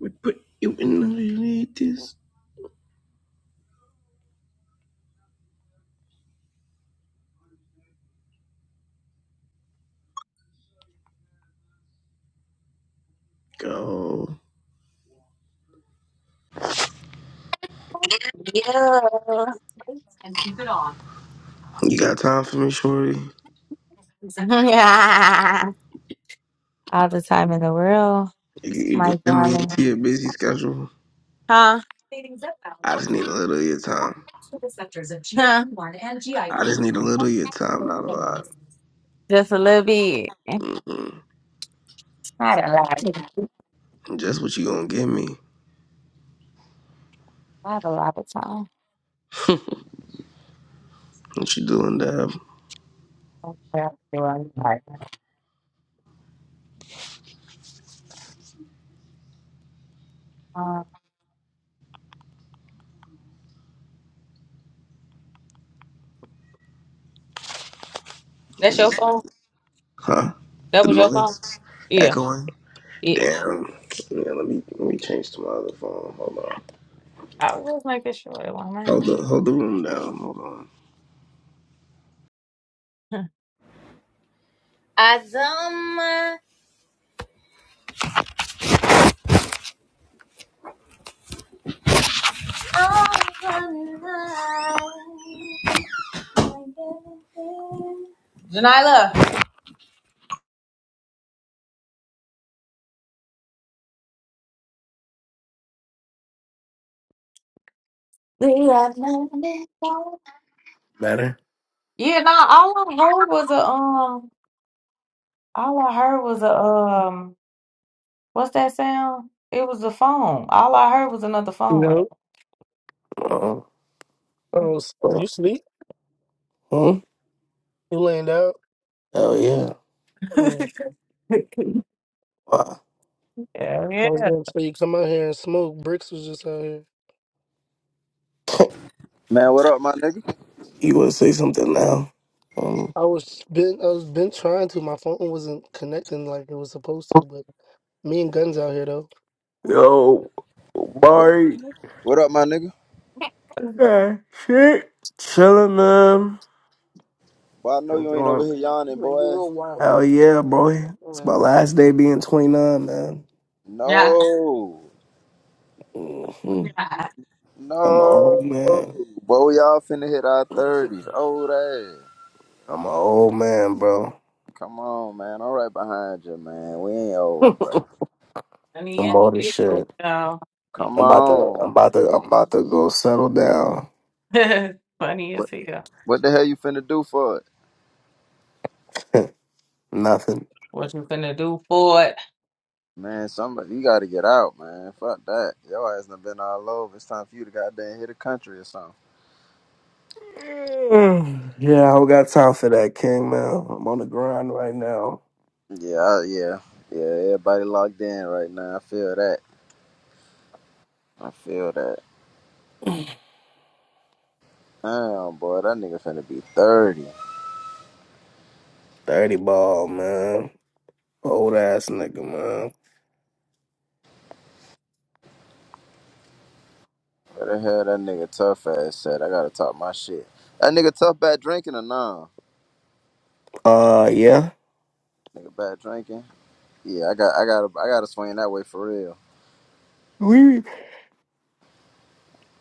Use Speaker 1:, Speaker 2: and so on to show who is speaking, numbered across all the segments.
Speaker 1: We put you in the latest. Go.
Speaker 2: Yeah.
Speaker 1: You got time for me, Shorty?
Speaker 2: All the time in the world,
Speaker 1: You, you can
Speaker 2: my
Speaker 1: send me into
Speaker 2: darling.
Speaker 1: your busy schedule.
Speaker 2: Huh? Huh?
Speaker 1: I just need a little of your time. I just need a little of your time, not a lot.
Speaker 2: Just a little bit. Not a lot.
Speaker 1: And Just what you gonna give me?
Speaker 2: I have a lot of time.
Speaker 1: What you doing, dab?
Speaker 2: Um, That's
Speaker 1: This
Speaker 2: your
Speaker 1: is-
Speaker 2: phone?
Speaker 1: Huh?
Speaker 2: That
Speaker 1: The
Speaker 2: was your phone?
Speaker 1: noise
Speaker 2: Yeah.
Speaker 1: echoing.
Speaker 2: Yeah.
Speaker 1: Damn. Yeah, let me let me change to my other phone. Hold on.
Speaker 2: I was like this short
Speaker 1: Hold
Speaker 2: one.
Speaker 1: the hold the room down. Hold on.
Speaker 2: man. Azuma. Janila. We have nothing to
Speaker 3: Matter?
Speaker 2: Yeah, no, all I heard was a um all I heard was a um what's that sound? It was a phone. All I heard was another
Speaker 4: You
Speaker 2: phone right.
Speaker 4: know,
Speaker 3: Uh,
Speaker 4: I was, oh,
Speaker 3: uh,
Speaker 4: you sleep,
Speaker 3: hmm?
Speaker 4: you laying down.
Speaker 3: Hell yeah.
Speaker 4: Mm.
Speaker 3: Wow.
Speaker 2: Yeah,
Speaker 4: I was
Speaker 2: yeah.
Speaker 4: gonna say you come out here and smoke. Bricks was just out here.
Speaker 5: Man, what up, my nigga?
Speaker 3: you want to say something now? Um,
Speaker 4: I was been I was been trying to. My phone wasn't connecting like it was supposed to. But me and Guns out here though.
Speaker 3: Yo,
Speaker 5: What,
Speaker 4: Right,
Speaker 3: Mari.
Speaker 4: you
Speaker 5: what up, my nigga?
Speaker 3: Yeah, shit. Chilling, man.
Speaker 5: Boy, I know you ain't over
Speaker 3: Enjoying.
Speaker 5: here
Speaker 4: know,
Speaker 5: yawning,
Speaker 4: you a
Speaker 5: boy.
Speaker 4: real wild.
Speaker 3: Hell yeah,
Speaker 4: Yeah,
Speaker 3: boy. It's
Speaker 4: um,
Speaker 3: my last day being 29, man.
Speaker 2: Yeah.
Speaker 5: No,
Speaker 3: hmm
Speaker 2: yeah.
Speaker 3: I'm
Speaker 4: yeah,
Speaker 3: an old
Speaker 5: no.
Speaker 4: yeah,
Speaker 3: man.
Speaker 5: Boy, we all finna hit our
Speaker 4: that's it.
Speaker 5: 30s. Old ass.
Speaker 3: I'm an old man, bro.
Speaker 5: Come on, man. I'm right behind you, man. We ain't
Speaker 3: I'm
Speaker 5: old, bro.
Speaker 2: Funny as
Speaker 3: old as
Speaker 2: hell.
Speaker 3: shit.
Speaker 2: No. Yeah.
Speaker 5: Come
Speaker 3: I'm about to, I'm
Speaker 5: on,
Speaker 3: about to, I'm
Speaker 5: man.
Speaker 3: about to go settle down.
Speaker 2: Funny as
Speaker 5: What,
Speaker 2: hell.
Speaker 5: what the hell you finna do for it?
Speaker 3: Nothing.
Speaker 2: What you finna do for
Speaker 5: Man, somebody, you gotta get out, man. Fuck that. Your ass done been all over. It's time for you to goddamn hit the country or something.
Speaker 3: Yeah, I don't got time for that, King, man. I'm on the grind right now.
Speaker 5: Yeah, I- yeah. Yeah, everybody locked in right now. I feel that. I feel that. Damn, boy, that nigga finna be 30.
Speaker 3: 30 ball, man. Old ass nigga, man.
Speaker 5: Where the hell that nigga tough ass at? I gotta talk my shit. That nigga tough bad drinking or nah?
Speaker 3: Uh, yeah.
Speaker 5: Nigga bad drinking? Yeah, I got I gotta I gotta swing that way for real.
Speaker 3: We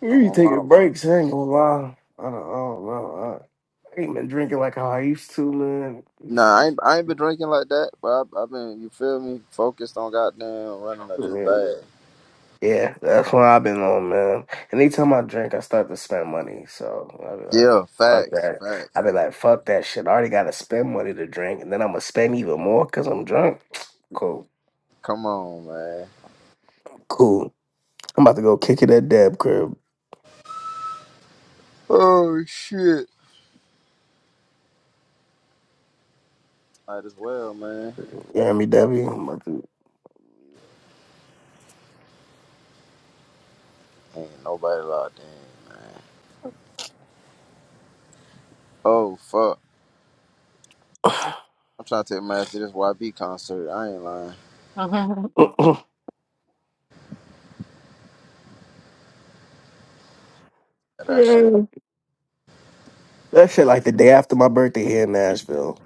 Speaker 3: we be
Speaker 5: On my
Speaker 3: taking
Speaker 5: mama.
Speaker 3: breaks, I ain't gonna lie. I don't, I don't know. I, I ain't been drinking like how I used to, man. Used
Speaker 5: Nah, I ain't, I ain't been drinking like that, but I've I I been, you feel me, focused on goddamn running up this
Speaker 3: to.
Speaker 5: bag.
Speaker 3: Yeah, that's what I've been on, man. Anytime I drink, I start to spend money. So I be like,
Speaker 5: Yeah,
Speaker 3: fuck
Speaker 5: facts,
Speaker 3: that.
Speaker 5: facts.
Speaker 3: I be like, fuck that shit. I already gotta spend money to drink, and then I'm gonna spend even more because I'm drunk. Cool,
Speaker 5: Come on, man.
Speaker 3: cool. I'm about to go kick it at Deb crib.
Speaker 5: Oh, shit. Might as well, man.
Speaker 3: You hear me, Debbie? I'm about to.
Speaker 5: Ain't nobody locked in, man. Oh, fuck. I'm trying to take my ass to this YB concert. I ain't lying. That shit.
Speaker 3: Yeah. That shit like the day after my birthday here in Nashville.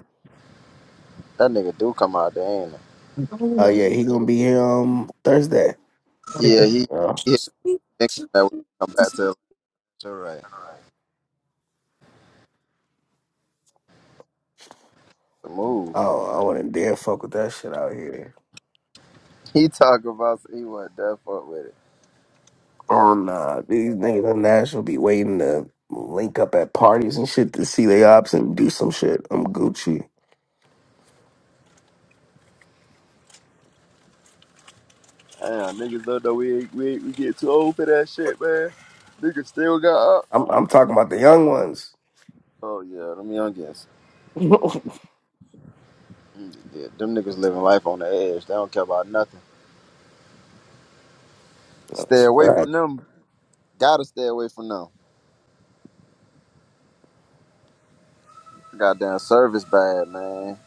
Speaker 5: That nigga do come out there, ain't it?
Speaker 3: Oh
Speaker 5: Yeah,
Speaker 3: yeah,
Speaker 2: it?
Speaker 3: he gonna be here um Thursday.
Speaker 5: yeah he,
Speaker 3: Oh,
Speaker 5: he hit
Speaker 2: Sweet
Speaker 5: a nigga that would come back
Speaker 2: Jesus.
Speaker 5: to Atlanta, right? The move.
Speaker 3: I don't- I wouldn't dare fuck with that shit out here.
Speaker 5: He talk about he went that fuck with it.
Speaker 3: on uh, these niggas on Nashville be waiting to link up at parties and shit to see they ops and do some shit. I'm Gucci.
Speaker 5: Damn, niggas don't know we ain't, we, ain't, we get too old for that shit, man. Niggas still got up.
Speaker 3: I'm I'm talking about the young ones.
Speaker 5: Oh yeah, them youngins.
Speaker 3: That's
Speaker 5: Mm, Yeah, them niggas living life on the edge. They don't care about nothing. Stay
Speaker 3: a
Speaker 5: away from
Speaker 3: fact.
Speaker 5: them. Gotta stay away from them. Goddamn service bad, man.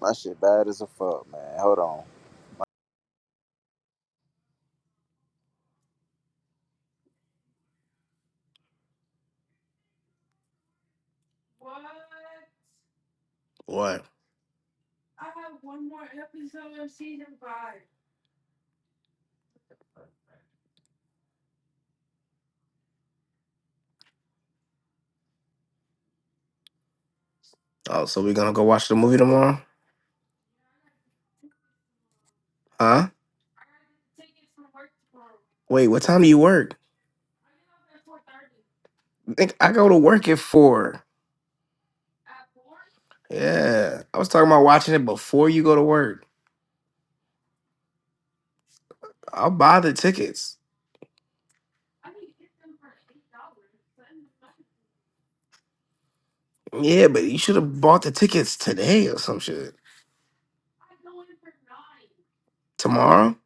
Speaker 5: My shit bad as a fuck, man. Hold on.
Speaker 3: What? Oh, so we gonna go watch the movie tomorrow? Huh? Wait, what time do you work? think I go to work at four. Yeah. I was talking about watching it before you go to work. I'll buy the tickets. Yeah, but you should have bought the tickets today or some shit. Tomorrow?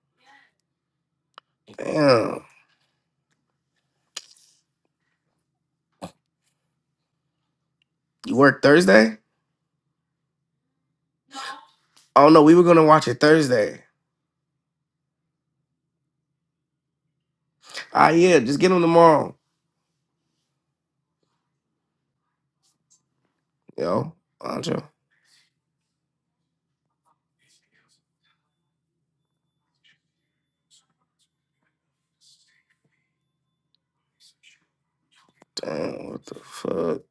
Speaker 3: Damn. You work Thursday? Oh no, we were gonna watch it Thursday. Ah yeah, just get them tomorrow. Yo, Andre. Damn, what the fuck?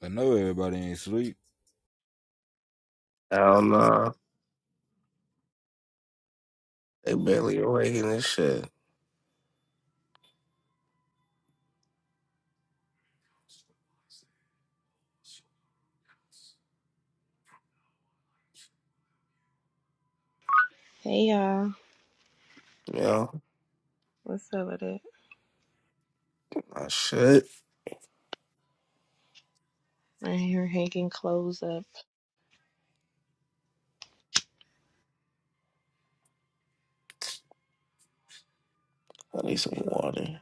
Speaker 6: I know everybody ain't asleep.
Speaker 3: Hell nah. They barely awake in this shit. Yo, my shit. I need some water.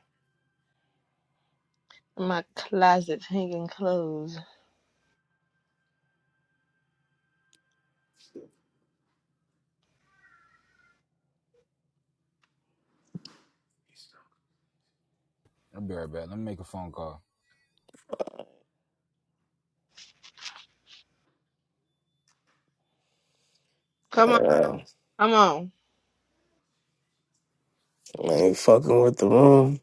Speaker 6: I'll be right back. Let me make a phone call.
Speaker 3: Damn. I ain't fucking with the room.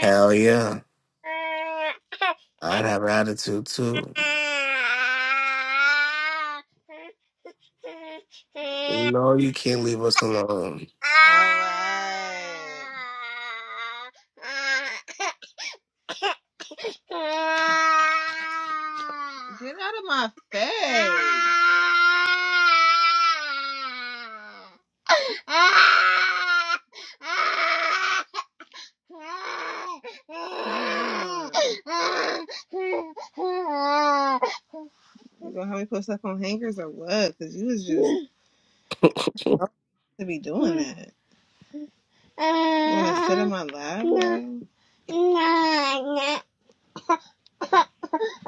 Speaker 3: Hell yeah.
Speaker 7: Alright.
Speaker 3: I'd have attitude too. No, you can't leave us alone.
Speaker 7: You You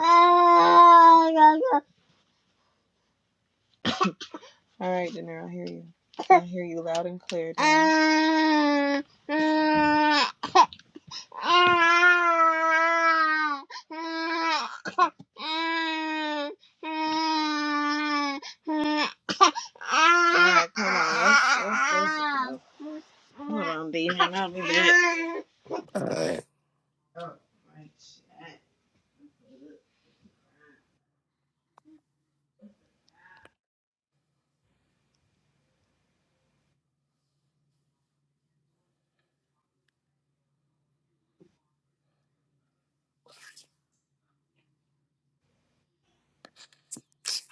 Speaker 7: dude. Alright, hold on. Let's, let's, let's, go. hold on, Demon. I'll be back.
Speaker 3: Alright.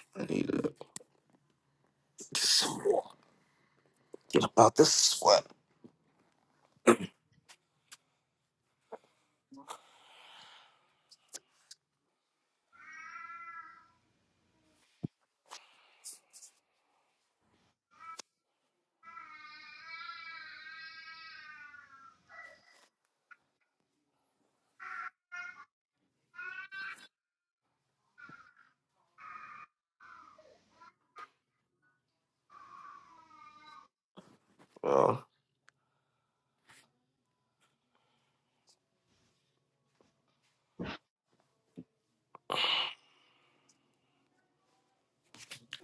Speaker 3: I need to get some water. About this sweat. Yo.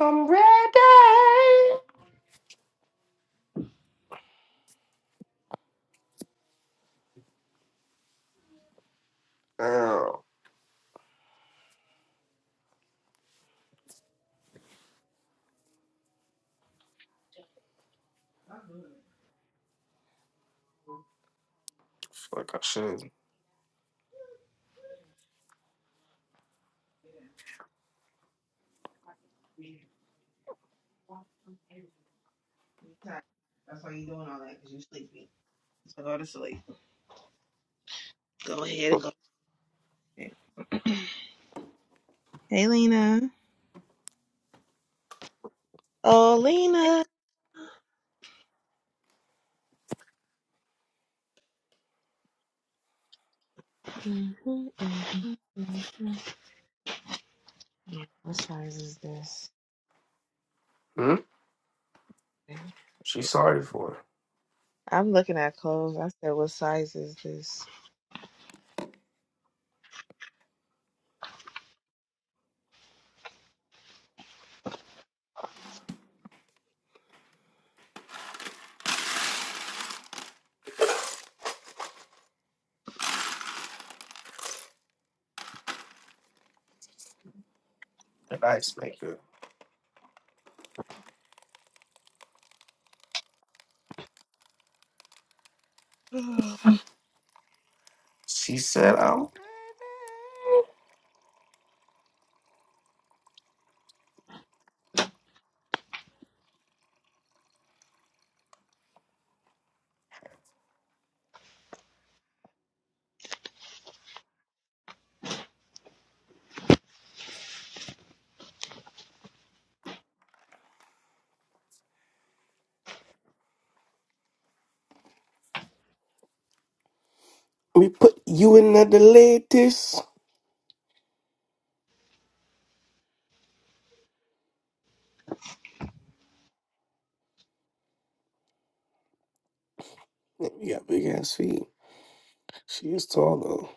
Speaker 3: I'm ready. Damn. Fuck, I should. Hmm? She's sorry for the ice maker. She said, "Oh, we put you in at the latest." You got big ass feet. She is tall though.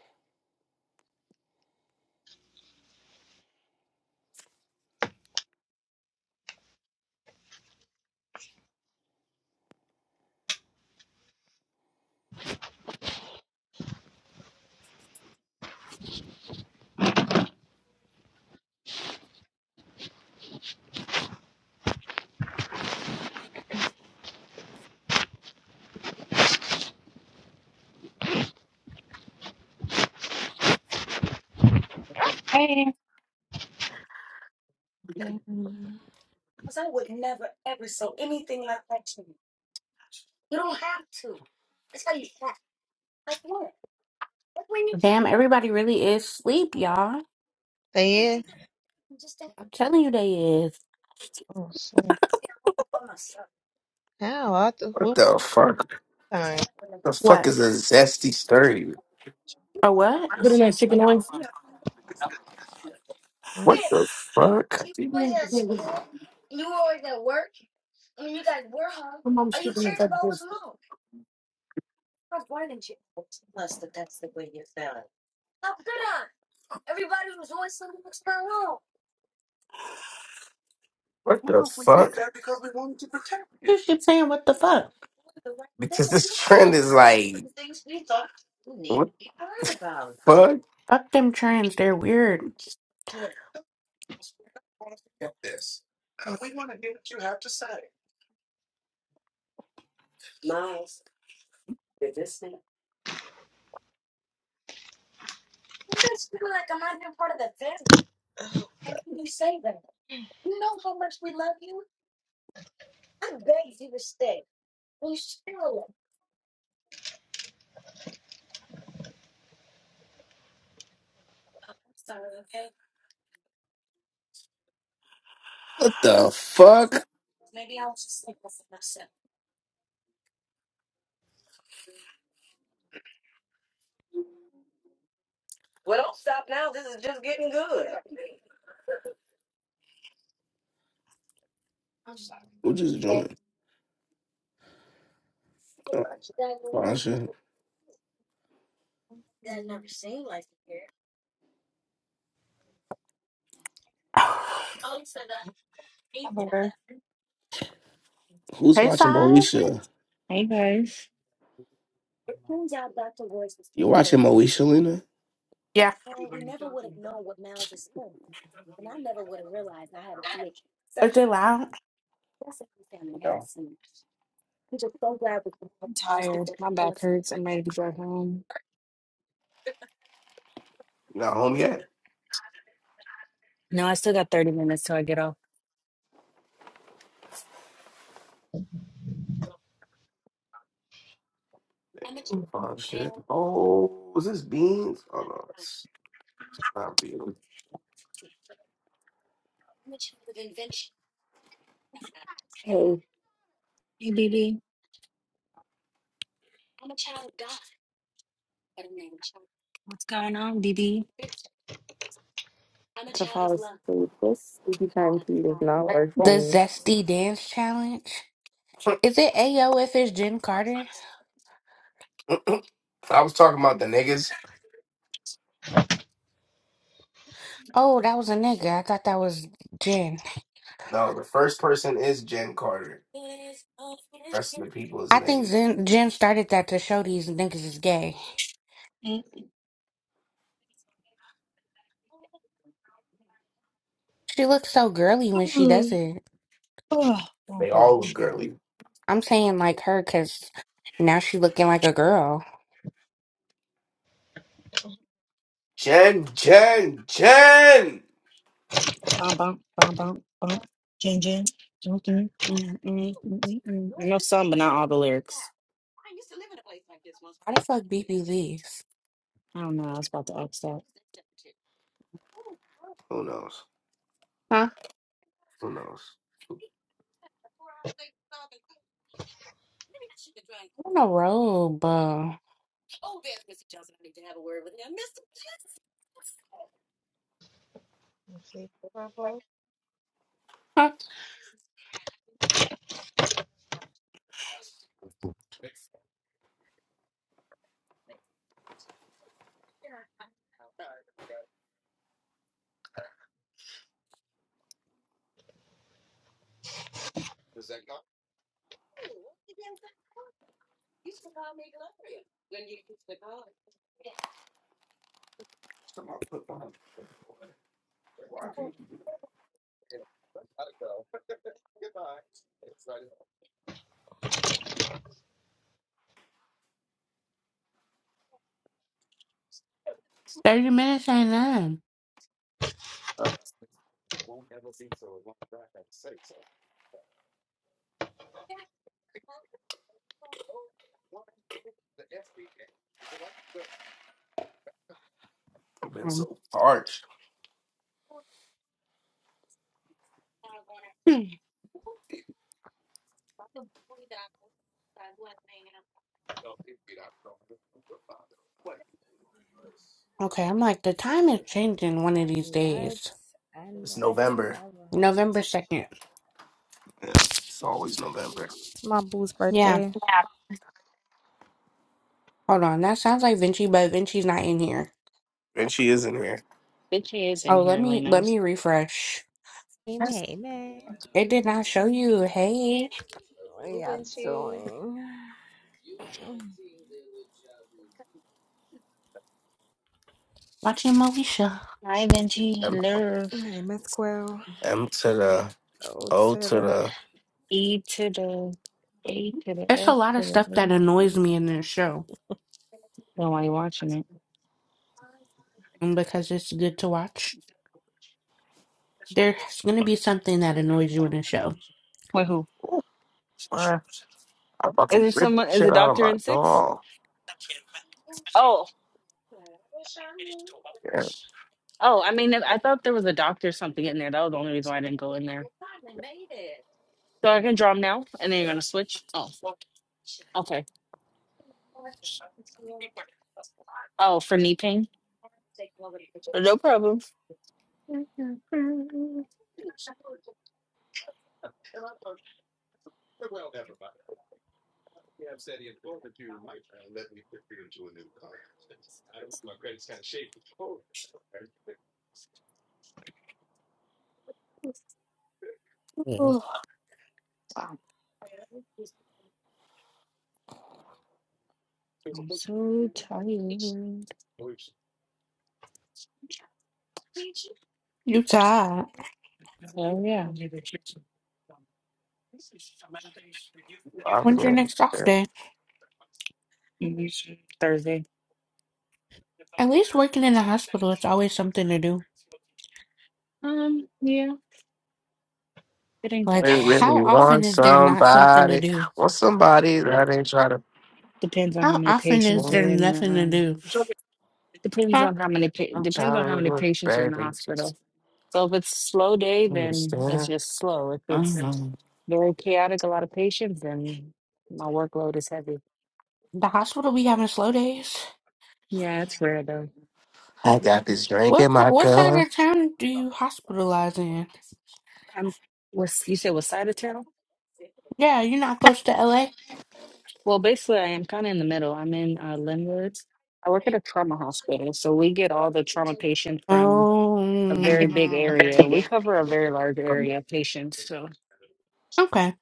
Speaker 8: Damn, everybody really is sleep, y'all. I'm telling you they is.
Speaker 3: What the fuck? The fuck
Speaker 8: What?
Speaker 3: is a zesty sturdy?
Speaker 8: or what?
Speaker 3: What the fuck? What the fuck?
Speaker 8: You keep saying what the fuck?
Speaker 3: Because this trend is like, what the fuck?
Speaker 8: Fuck them trends, they're weird.
Speaker 3: What the fuck? Who just joined? Oh, Fasha.
Speaker 9: Hello.
Speaker 3: Who's
Speaker 8: hey
Speaker 3: watching
Speaker 8: side?
Speaker 3: Moesha?
Speaker 9: Hey guys.
Speaker 3: You watching Moesha, Lena?
Speaker 8: Yeah.
Speaker 9: I'm
Speaker 8: Is it loud?
Speaker 3: No.
Speaker 9: tired. My back hurts. I'm ready to go home.
Speaker 3: Not home yet?
Speaker 9: No, I still got 30 minutes till I get off.
Speaker 3: Oh shit. Oh, is this beans? Oh no, it's not beans.
Speaker 10: Hey,
Speaker 9: Hey BB. What's going on, BB?
Speaker 10: to fall asleep. This would be time tea is not
Speaker 8: The
Speaker 10: working.
Speaker 8: Zesty Dance Challenge? Is it AO if it's Jen Carter?
Speaker 3: I was talking about the niggas.
Speaker 8: Oh, that was a nigga. I thought that was Jen.
Speaker 3: No, the first person is Jen Carter. rest of the people is
Speaker 8: I think
Speaker 3: niggas.
Speaker 8: Jen, Jen started that to show these niggas is gay.
Speaker 9: Mm,
Speaker 8: She looks so girly when she does
Speaker 9: mm.
Speaker 8: it.
Speaker 9: Oh, oh
Speaker 3: They
Speaker 9: boy.
Speaker 3: all look girly.
Speaker 8: I'm saying like her because now she looking like a girl.
Speaker 3: Jen, Jen, Jen.
Speaker 9: Bum bum bum bum bum. Jin Jin. Mm, mm, mm, mm, mm, mm. I know some, but not all the lyrics.
Speaker 8: How the fuck BB leaves?
Speaker 9: I don't know. I was about to ask that.
Speaker 3: Who knows? Who knows?
Speaker 8: I'm on a road, bro.
Speaker 3: Something I put behind- Why can't you do
Speaker 8: 30 minutes ain't none.
Speaker 3: that? Uh, I've been so parched.
Speaker 8: Hmm. Okay, I'm like, the time is changing one of these
Speaker 11: What?
Speaker 8: days.
Speaker 11: I
Speaker 3: It's
Speaker 11: never
Speaker 3: November.
Speaker 11: ever.
Speaker 8: November 2nd.
Speaker 3: Yeah, it's always November.
Speaker 11: My boo's
Speaker 8: Yeah,
Speaker 11: birthday.
Speaker 8: hold on. That sounds like Vinci, but Vinci's not in here.
Speaker 3: And she is in here.
Speaker 9: Bitch, he is in
Speaker 8: Oh, let
Speaker 9: here,
Speaker 8: me let
Speaker 9: Leno.
Speaker 8: me refresh.
Speaker 3: Yes.
Speaker 11: Amen. Amen.
Speaker 8: It did not show you. Hey,
Speaker 11: What are y'all doing?
Speaker 8: watching Moesha.
Speaker 9: Hi, Benji.
Speaker 3: M,
Speaker 9: Hello.
Speaker 11: Hey, Miss Quill.
Speaker 3: M to the
Speaker 11: Oh,
Speaker 3: O
Speaker 11: to the.
Speaker 3: to
Speaker 9: E to the A to the
Speaker 8: There's a
Speaker 9: S
Speaker 8: lot of
Speaker 9: to
Speaker 8: stuff that
Speaker 9: the A.
Speaker 8: annoys me in this show,
Speaker 9: Nobody watching it.
Speaker 8: and because it's good to watch, there's gonna be something that annoys you in the show.
Speaker 9: Wait, who?
Speaker 3: the. I
Speaker 9: Is
Speaker 3: fucking
Speaker 9: there
Speaker 3: flipped
Speaker 9: someone? Is
Speaker 3: shit
Speaker 9: a
Speaker 3: out of
Speaker 9: doctor
Speaker 3: my
Speaker 9: in six?
Speaker 3: door.
Speaker 9: Oh,
Speaker 3: Yeah,
Speaker 9: oh. I mean, I thought there was a doctor or something in there. That was the only reason why I didn't go in there. So I can draw draw 'em now, and then you're gonna switch. Oh, okay. Oh, for knee pain. No problem. Oh, I'm so tired.
Speaker 8: You tired.
Speaker 9: Oh yeah.
Speaker 3: I
Speaker 8: When's your
Speaker 3: really,
Speaker 8: next off day?
Speaker 9: Mhm. Thursday.
Speaker 8: At least working in a hospital, it's always something to do.
Speaker 9: Um, yeah, it ain't
Speaker 8: Like,
Speaker 9: that
Speaker 3: they
Speaker 9: bad.
Speaker 8: how
Speaker 3: really
Speaker 8: often
Speaker 3: want
Speaker 8: is there not something to
Speaker 3: somebody,
Speaker 8: do?
Speaker 3: want somebody that ain't try to.
Speaker 9: Depends on how
Speaker 8: How
Speaker 9: many
Speaker 8: often is
Speaker 9: patients
Speaker 8: there
Speaker 9: are
Speaker 3: I'm
Speaker 9: in the
Speaker 8: nothing to
Speaker 9: um.
Speaker 8: do?
Speaker 9: Depends
Speaker 8: Huh?
Speaker 9: on how many pa- depends on how
Speaker 3: trying to
Speaker 9: many
Speaker 3: look,
Speaker 9: patients are in the
Speaker 3: baby. Just
Speaker 9: hospital. So if it's slow day, then it's
Speaker 3: understand.
Speaker 9: just slow. If it's
Speaker 3: Mhm.
Speaker 9: very chaotic, a lot of patients, then my workload is heavy.
Speaker 8: The hospital be having slow days.
Speaker 9: Yeah, it's rare though.
Speaker 3: I got this drink
Speaker 8: What
Speaker 3: in my
Speaker 8: what side
Speaker 3: cup.
Speaker 8: of town do you hospitalize in?
Speaker 9: I'm was you said was side of town?
Speaker 8: Yeah, you're not close to LA.
Speaker 9: Well, basically, I am kind of in the middle. I'm in uh, Linwood. I work at a trauma hospital, so we get all the trauma patients from a very
Speaker 8: Oh,
Speaker 9: big area. We cover a very large area of patients, so.
Speaker 8: okay.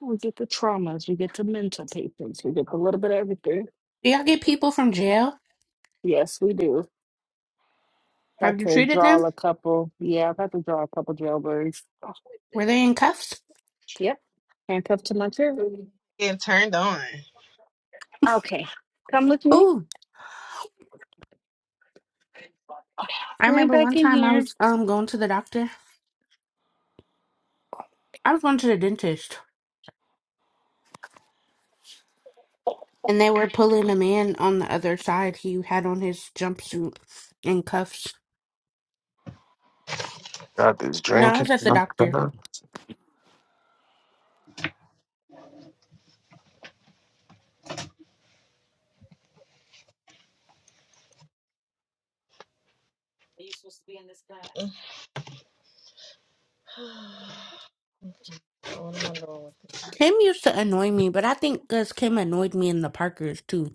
Speaker 9: We get the traumas, we get the mental papers, we get a little bit of everything.
Speaker 8: Do y'all get people from jail?
Speaker 9: Yes, we do. About
Speaker 8: Have you
Speaker 9: to
Speaker 8: treated them?
Speaker 9: draw a couple. Yeah, I've had to draw a couple jailbirds. Oh,
Speaker 8: Were they in cuffs?
Speaker 9: yep. Handcuffed to my chair. Okay. Come with me.
Speaker 8: Ooh,
Speaker 9: Okay.
Speaker 8: I
Speaker 9: Right
Speaker 8: remember one
Speaker 9: back in
Speaker 8: time I
Speaker 9: here.
Speaker 8: was um going to the doctor. I was going to the dentist, and they were pulling a man on the other side. He had on his jumpsuit and cuffs.
Speaker 3: Got this
Speaker 8: No, I
Speaker 3: drink
Speaker 8: was
Speaker 3: in
Speaker 8: at the
Speaker 3: my
Speaker 8: doctor.
Speaker 3: cup.
Speaker 8: Kim used to annoy me, but I think because Kim annoyed me in the Parkers too.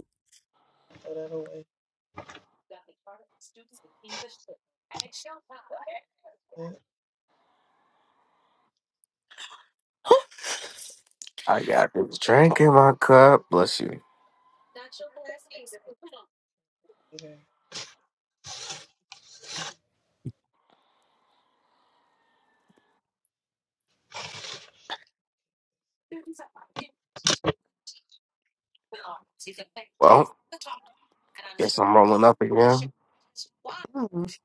Speaker 3: I got this drink in my cup. Bless you. Well, guess I'm rolling up again.
Speaker 8: Mm.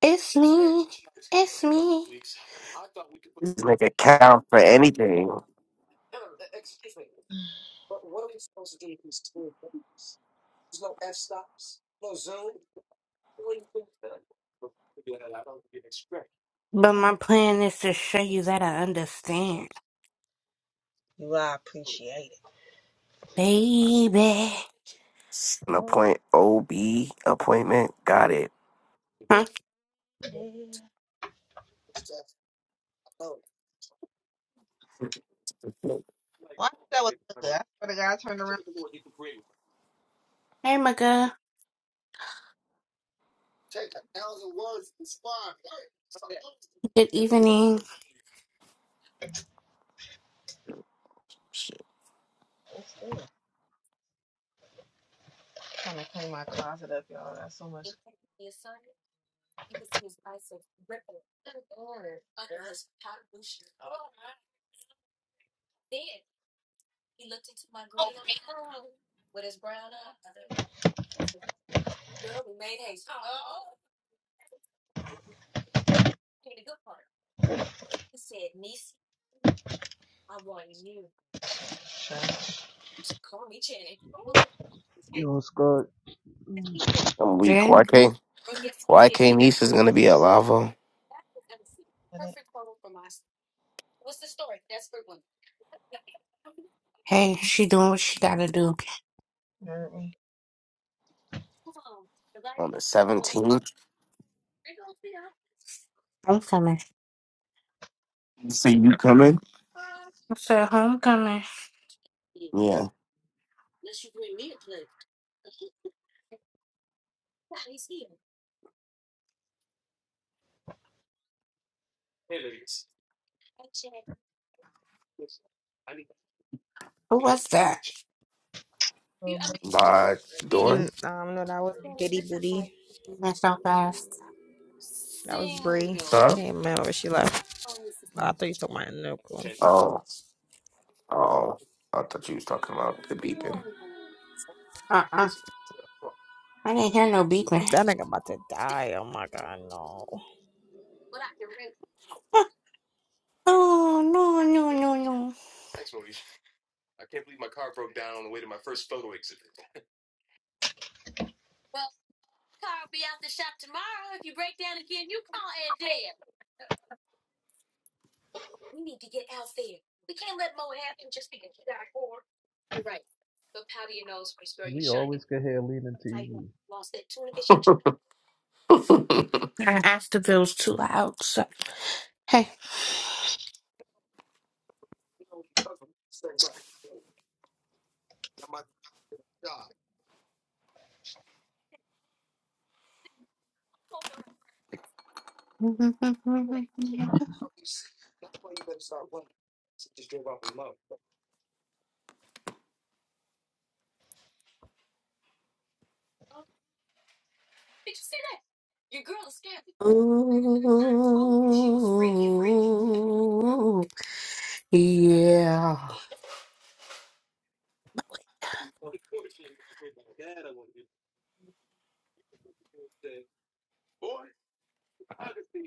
Speaker 8: It's me. It's me.
Speaker 3: This nigga count for anything.
Speaker 8: But my plan is to show you that I understand, baby.
Speaker 3: An appoint OB appointment. Got it.
Speaker 8: Huh? Hey, my girl. Good evening.
Speaker 3: Shit,
Speaker 12: Yo, Scott,
Speaker 3: I'm weak.
Speaker 8: Drink.
Speaker 3: Why can't Why can't Niece is gonna be at Lavo
Speaker 8: Hey, she doing what she gotta do.
Speaker 3: on the seventeenth?
Speaker 8: Homecoming.
Speaker 3: See you coming?
Speaker 8: I said homecoming.
Speaker 3: Yeah.
Speaker 8: Who was that?
Speaker 3: By door?
Speaker 11: Mm, um, no, that was Biddy Booty.
Speaker 8: That's so fast.
Speaker 11: That was Bree.
Speaker 3: Huh?
Speaker 11: Came out when she left. I thought you took my nickel.
Speaker 3: Oh, oh. I thought you was talking about the beeping.
Speaker 8: Uh-uh. I didn't hear no beeping.
Speaker 11: That nigga about to die. Oh my god, no.
Speaker 8: Oh, no, no, no, no.
Speaker 12: we always could have leaning TV.
Speaker 3: What's
Speaker 8: I asked if it was too loud, so. Hey. Oh, yeah.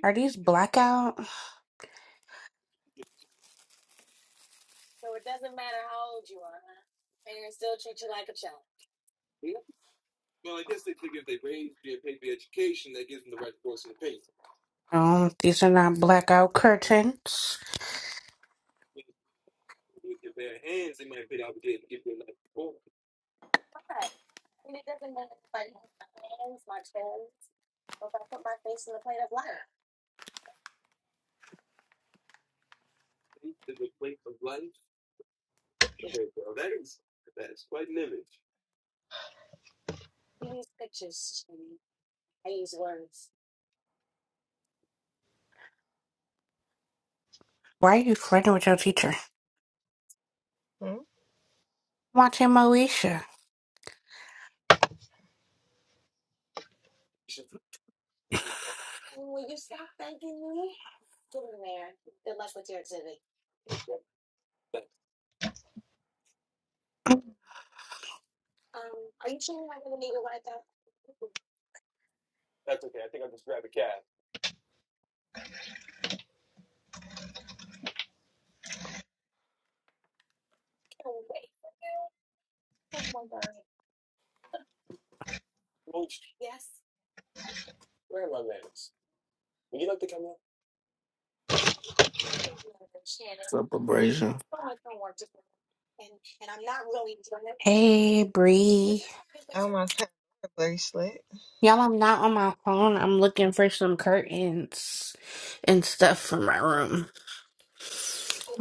Speaker 8: Are these blackout? No, these are not blackout curtains. Why are you flirting with your teacher? Watching Moesha.
Speaker 3: up, abrasion?
Speaker 8: Hey, Bree. Y'all, I'm not on my phone. I'm looking for some curtains and stuff for my room.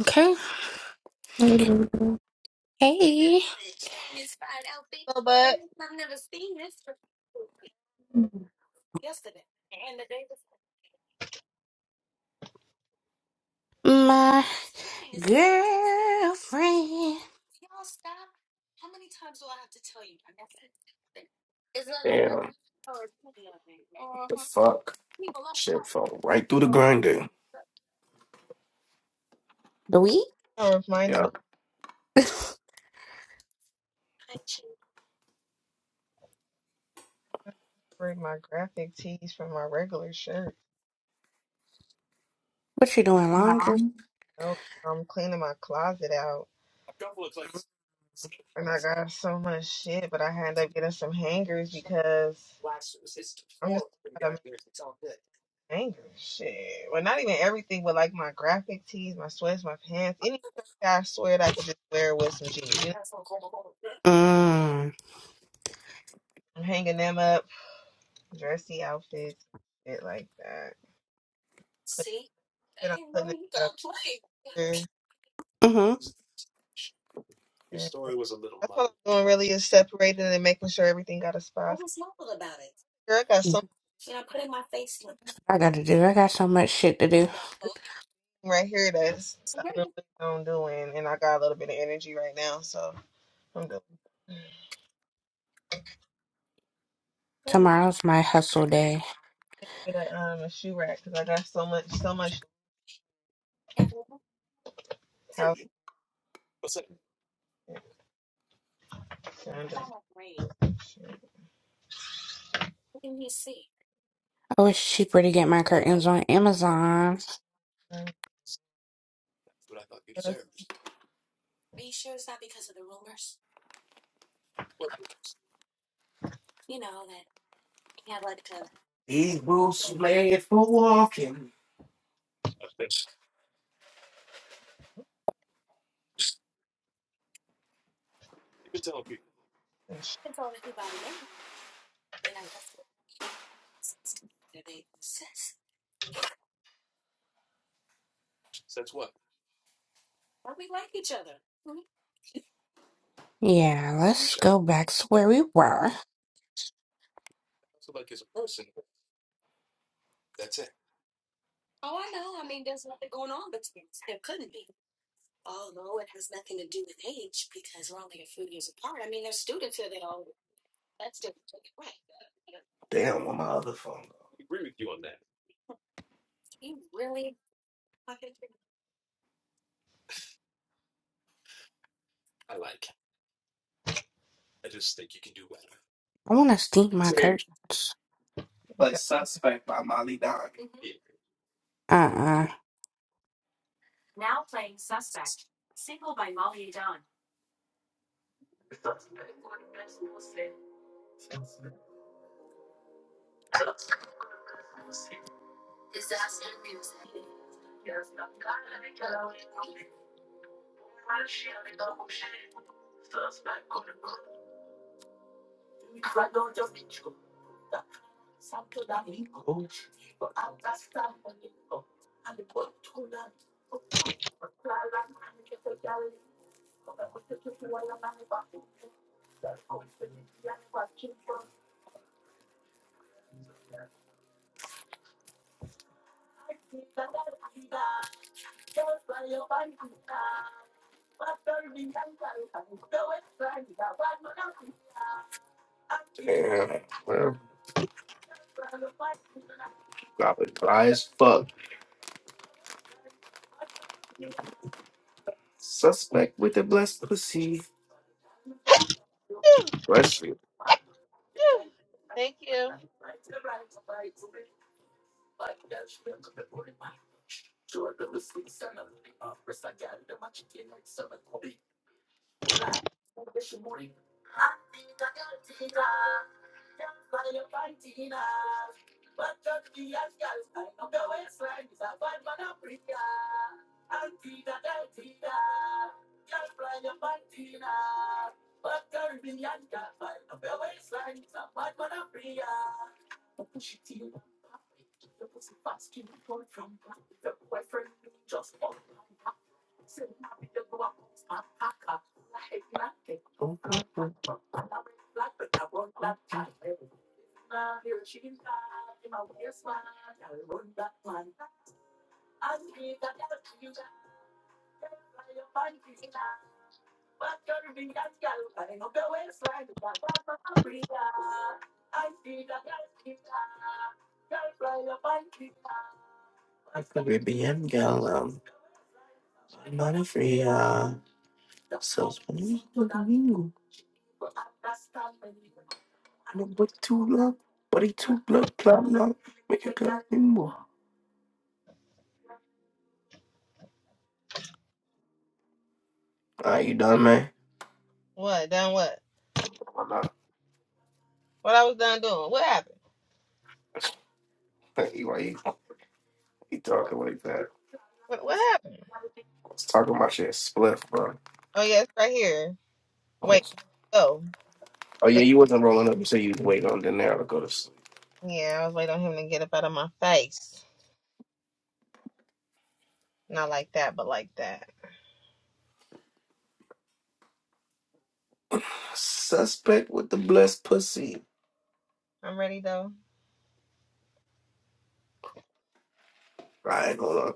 Speaker 8: Okay.
Speaker 13: Hallelujah.
Speaker 8: Hey, my girlfriend.
Speaker 3: Damn. the fuck? Shit fell right through the grinder. Yep.
Speaker 8: what you doing, laundry? Mm. Mm-hmm. I gotta do. I got so much shit to do. Tomorrow's my hustle day. Oh, it's cheaper to get my curtains on Amazon.
Speaker 3: These boots made for walking.
Speaker 8: Yeah, let's go back to where we were.
Speaker 3: Damn, where my other phone?
Speaker 8: I wanna steam my
Speaker 3: go?
Speaker 8: curtains.
Speaker 3: Play Suspect by Molly Don.
Speaker 8: Uh-uh.
Speaker 3: Yeah, well, probably fly as fuck. Suspect with the blessed pussy. Bless you. Caribbean girl, um, money free, uh, so domingo. No, but too long, but he too blood, club, long. Make it club, nimble. Ah, you done, man? Why not? Hey, Why you, you talking like that? I was talking about shit spliff, bro. Oh yeah, you wasn't rolling up, You so you was waiting on Daenerys to go to sleep. Suspect with the blessed pussy. All right, hold on.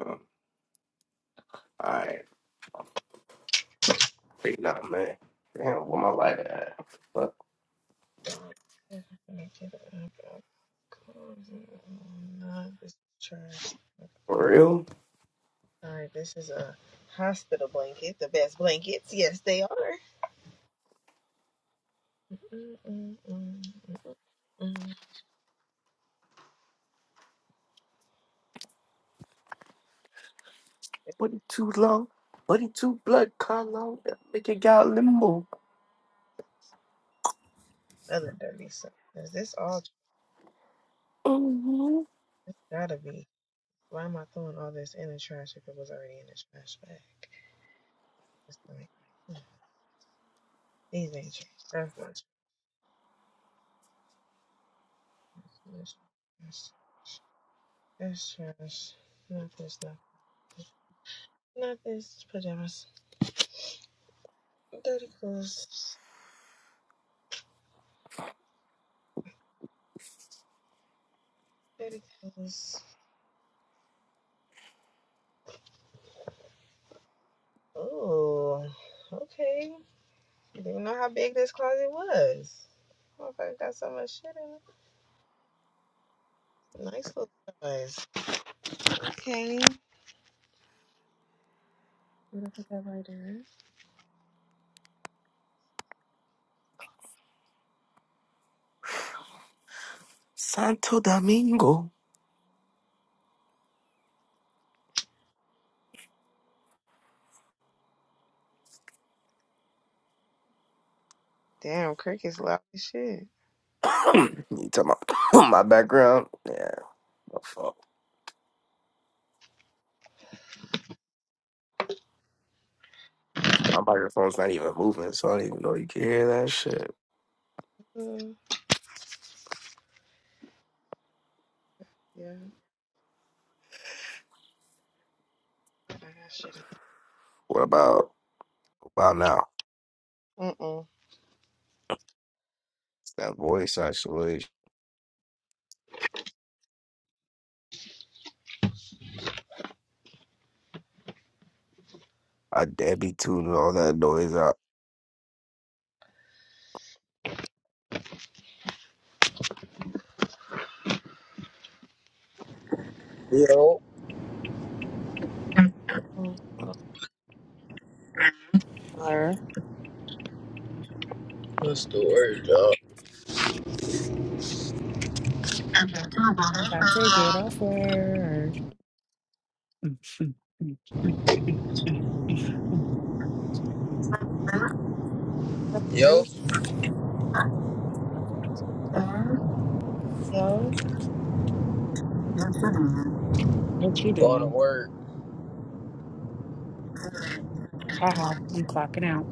Speaker 3: Um, All right, wait, nah, man. Damn, where my light at? Fuck, for real? Buddy too long, buddy too blood color. That make it got limbo. hmm Santo Domingo. you talking about my background? Yeah, my fault. My microphone's not even moving, so I don't even know you can hear that shit. What about about now? That voice isolation. I dare be tuning all that noise out.
Speaker 14: Yo,
Speaker 9: Or
Speaker 14: what's the word, dog?
Speaker 9: I'm about to get off work. Mm, mm, mm, mm, mm, mm.
Speaker 14: Yo,
Speaker 9: What you
Speaker 14: going to
Speaker 9: doing?
Speaker 14: work.
Speaker 9: Haha, I'm clocking out.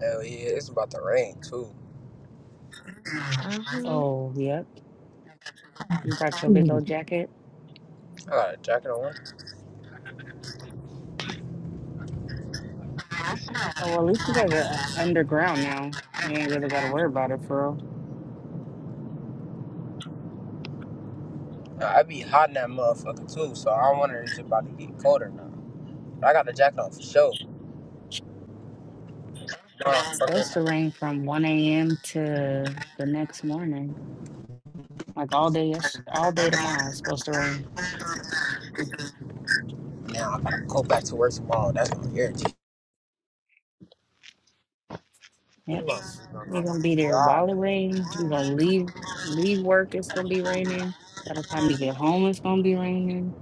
Speaker 14: Hell yeah, it's about to rain too.
Speaker 9: Oh, yep. You brought your big
Speaker 3: Mhm.
Speaker 9: old jacket?
Speaker 14: I got a jacket on.
Speaker 9: Oh, well, at least you guys are underground now. You ain't really got to worry about it, for real.
Speaker 14: Nah, I be hot in that motherfucker too, so I'm wondering if it's about to get colder now. But I got the jacket on for sure.
Speaker 9: It's
Speaker 14: Motherfuckers.
Speaker 9: supposed to rain from 1 a.m. to the next morning. Like all day, yes- all day tomorrow, it's supposed to rain.
Speaker 14: Now I gotta go back to work tomorrow. That's what irritates me.
Speaker 9: Yep.
Speaker 14: My
Speaker 9: You're going to be there while
Speaker 14: God,
Speaker 9: it rains. You're going to leave leave work, it's going to be raining. By the time you get home, it's going to be raining.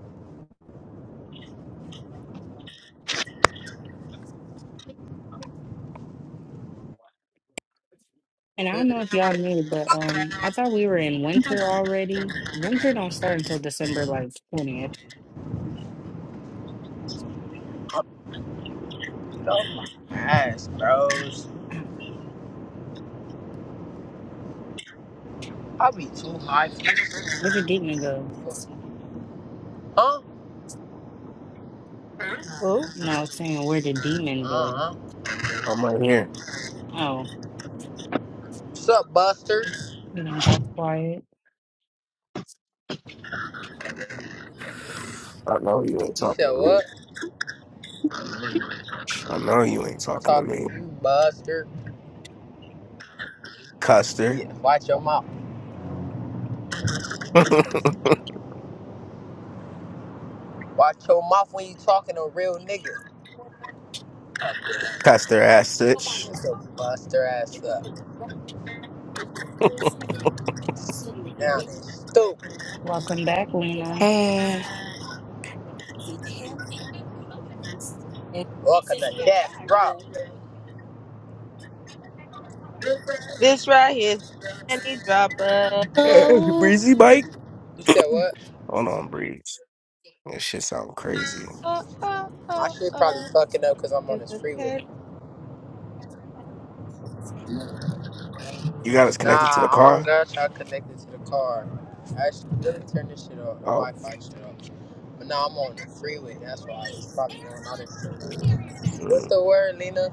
Speaker 9: And I don't know
Speaker 14: dude,
Speaker 9: if y'all knew, but um, I thought we were in winter already. Winter don't start until December like twentieth.
Speaker 14: no, my ass, bros. I be too high for this
Speaker 9: Where the demon go?
Speaker 14: fuck. Huh?
Speaker 9: No, I was saying where the
Speaker 14: Uh
Speaker 9: demon go?
Speaker 14: huh.
Speaker 3: I'm right here.
Speaker 9: Oh,
Speaker 14: What's up, Buster?
Speaker 9: then I'm got quiet.
Speaker 3: I know you ain't
Speaker 14: You said
Speaker 3: talking to me.
Speaker 14: what?
Speaker 3: I know you ain't
Speaker 14: I'm
Speaker 3: talking to
Speaker 14: talking to
Speaker 3: me.
Speaker 14: you, Buster.
Speaker 3: Custer.
Speaker 14: Yeah, watch your mouth. Watch your mouth when you talking to real niggas.
Speaker 3: Custer ass stitch.
Speaker 14: Shut your buster ass up. Now they stupid.
Speaker 9: Welcome back, Lena.
Speaker 8: Hey.
Speaker 14: Welcome to death, bro.
Speaker 3: Hey, breezy
Speaker 14: You said what?
Speaker 3: Hold on, Breeze. This shit sound crazy.
Speaker 14: My shit probably fucking up because I'm on this freeway. Nah,
Speaker 3: You got us connected to the
Speaker 14: I don't
Speaker 3: car?
Speaker 14: got y'all connected to the car. I Actually, let me turn this shit off, the
Speaker 3: Oh,
Speaker 14: Wi-Fi shit off. But now I'm on the freeway. That's why it's probably going out of shit. What's
Speaker 3: mm,
Speaker 14: the word, Lena?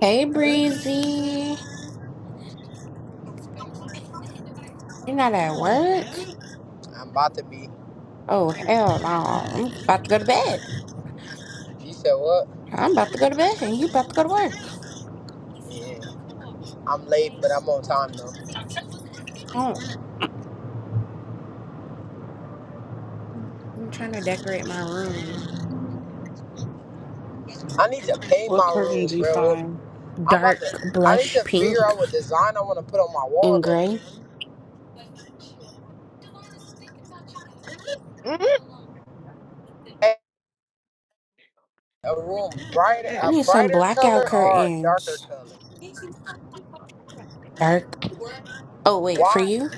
Speaker 8: Hey, Breezy. you not at work?
Speaker 14: I'm about to be.
Speaker 8: Oh, hell no. I'm about to go to bed.
Speaker 14: You said what?
Speaker 8: I'm about to go to bed and you about to go to work.
Speaker 14: Yeah, I'm late, but I'm on time though.
Speaker 8: Oh, I'm trying to decorate my room.
Speaker 14: I need to pay
Speaker 9: What
Speaker 14: my
Speaker 9: curtains
Speaker 14: room,
Speaker 9: you
Speaker 14: bro.
Speaker 9: find?
Speaker 14: I'm about
Speaker 8: Dark
Speaker 14: to. I need
Speaker 8: blush
Speaker 14: to figure
Speaker 8: pink
Speaker 14: out what design I want to put on my wall
Speaker 8: and
Speaker 14: though.
Speaker 8: gray.
Speaker 14: A room brighter,
Speaker 8: I
Speaker 14: a
Speaker 8: need some
Speaker 14: brighter
Speaker 8: blackout
Speaker 14: color or a darker
Speaker 8: curtains.
Speaker 14: color.
Speaker 8: Dark. Oh, wait, for
Speaker 14: Why?
Speaker 8: you?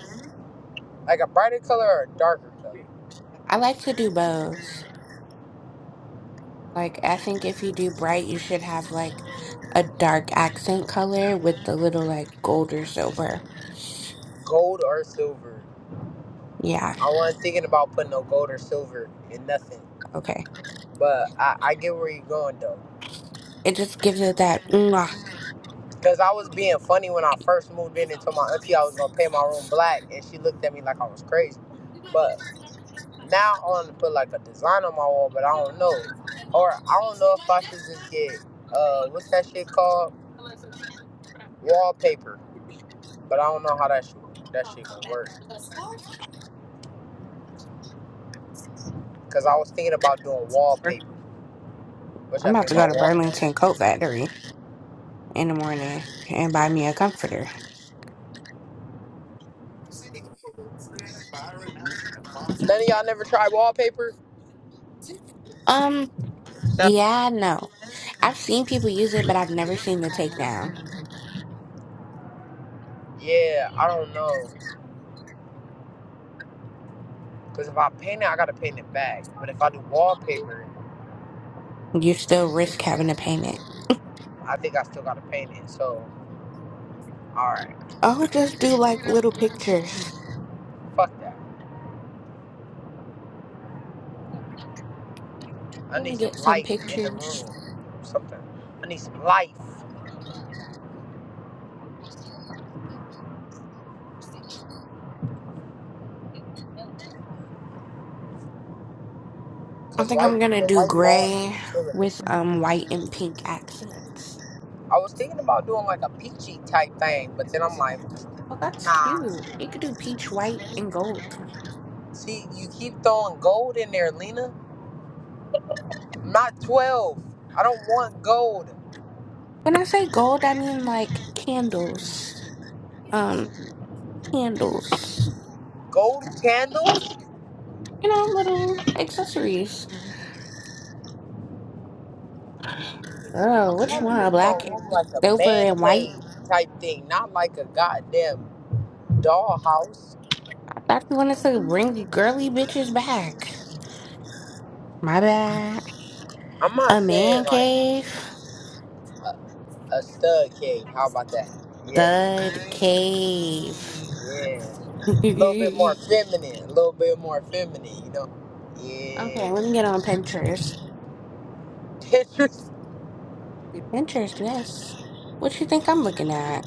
Speaker 14: Like a brighter color or a darker color?
Speaker 8: I like to do both. Like, I think if you do bright, you should have like a dark accent color with the little like gold or silver.
Speaker 14: Gold or silver?
Speaker 8: Yeah,
Speaker 14: I wasn't thinking about putting no gold or silver in nothing.
Speaker 8: okay.
Speaker 14: But I, I get where you're going though.
Speaker 8: It just gives it that. Mwah.
Speaker 14: Cause I was being funny when I first moved in and told my auntie I was gonna paint my room black, and she looked at me like I was crazy. But. Now I want to put like a design on my wall, but I don't know. Or I don't know if I should just get uh what's that shit called? Wallpaper. But I don't know how that shit that shit gonna work. Cause I was thinking about doing wallpaper, which
Speaker 8: I'm
Speaker 14: I
Speaker 8: about
Speaker 14: think
Speaker 8: to go to Burlington Coat Factory in the morning and buy me a comforter.
Speaker 14: none of y'all never tried wallpaper.
Speaker 8: Um, yeah, no. I've seen people use it, but I've never seen the takedown.
Speaker 14: Yeah, I don't know. Cause if I paint it, I gotta paint it back. But if I do wallpaper,
Speaker 8: You still risk having to paint it.
Speaker 14: I think I still gotta paint it. So all right,
Speaker 8: Oh, just do like little pictures.
Speaker 14: fuck that. I
Speaker 8: I'm gonna
Speaker 14: need some
Speaker 8: get some
Speaker 14: life in the
Speaker 8: pictures.
Speaker 14: room. Something. I need some life.
Speaker 8: I
Speaker 14: Cause
Speaker 8: think
Speaker 14: why?
Speaker 8: I'm gonna do gray with um white and pink accents.
Speaker 14: I was thinking about doing like a peachy type thing, but then I'm like,
Speaker 8: Oh, that's
Speaker 14: nah.
Speaker 8: cute. You could do peach, white, and gold.
Speaker 14: See, you keep throwing gold in there, Lena. I'm Not 12. I don't want gold.
Speaker 8: When I say gold, I mean like candles. Um, candles.
Speaker 14: Gold candles?
Speaker 8: You know, little accessories. Oh, which one?
Speaker 14: Make my-
Speaker 8: Black,
Speaker 14: Like a
Speaker 8: silver,
Speaker 14: man
Speaker 8: and white?
Speaker 14: type thing, not like a goddamn dollhouse.
Speaker 8: I thought you wanted to bring the girly bitches back. My bad.
Speaker 14: I'm not
Speaker 8: A man
Speaker 14: saying
Speaker 8: cave?
Speaker 14: a, a stud cave. How about that? Yeah,
Speaker 8: Thud cave.
Speaker 14: yeah. A little bit more feminine. A little bit more feminine, you know? Yeah.
Speaker 8: Okay, let me get on Pinterest.
Speaker 14: Pinterest.
Speaker 8: Yeah, Pinterest, yes. What you think I'm looking at?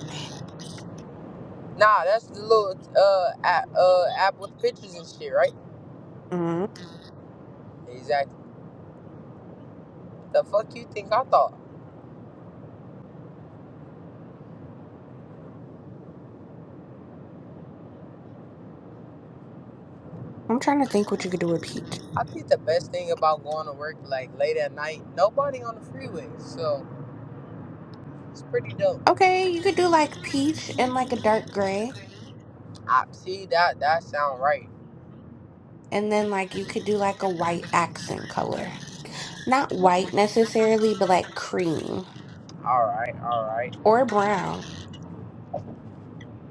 Speaker 14: Nah, that's the little uh app, uh app with pictures and shit, right?
Speaker 8: Mm,
Speaker 14: Exactly. The fuck you think I thought?
Speaker 8: I'm trying to think what you could do with peach.
Speaker 14: I think the best thing about going to work like late at night, nobody on the freeway, so it's pretty dope.
Speaker 8: Okay, you could do like peach and like a dark gray,
Speaker 14: I see that that sound right.
Speaker 8: and then like you could do like a white accent color. Not white necessarily, but like cream
Speaker 14: All right, all right.
Speaker 8: or brown,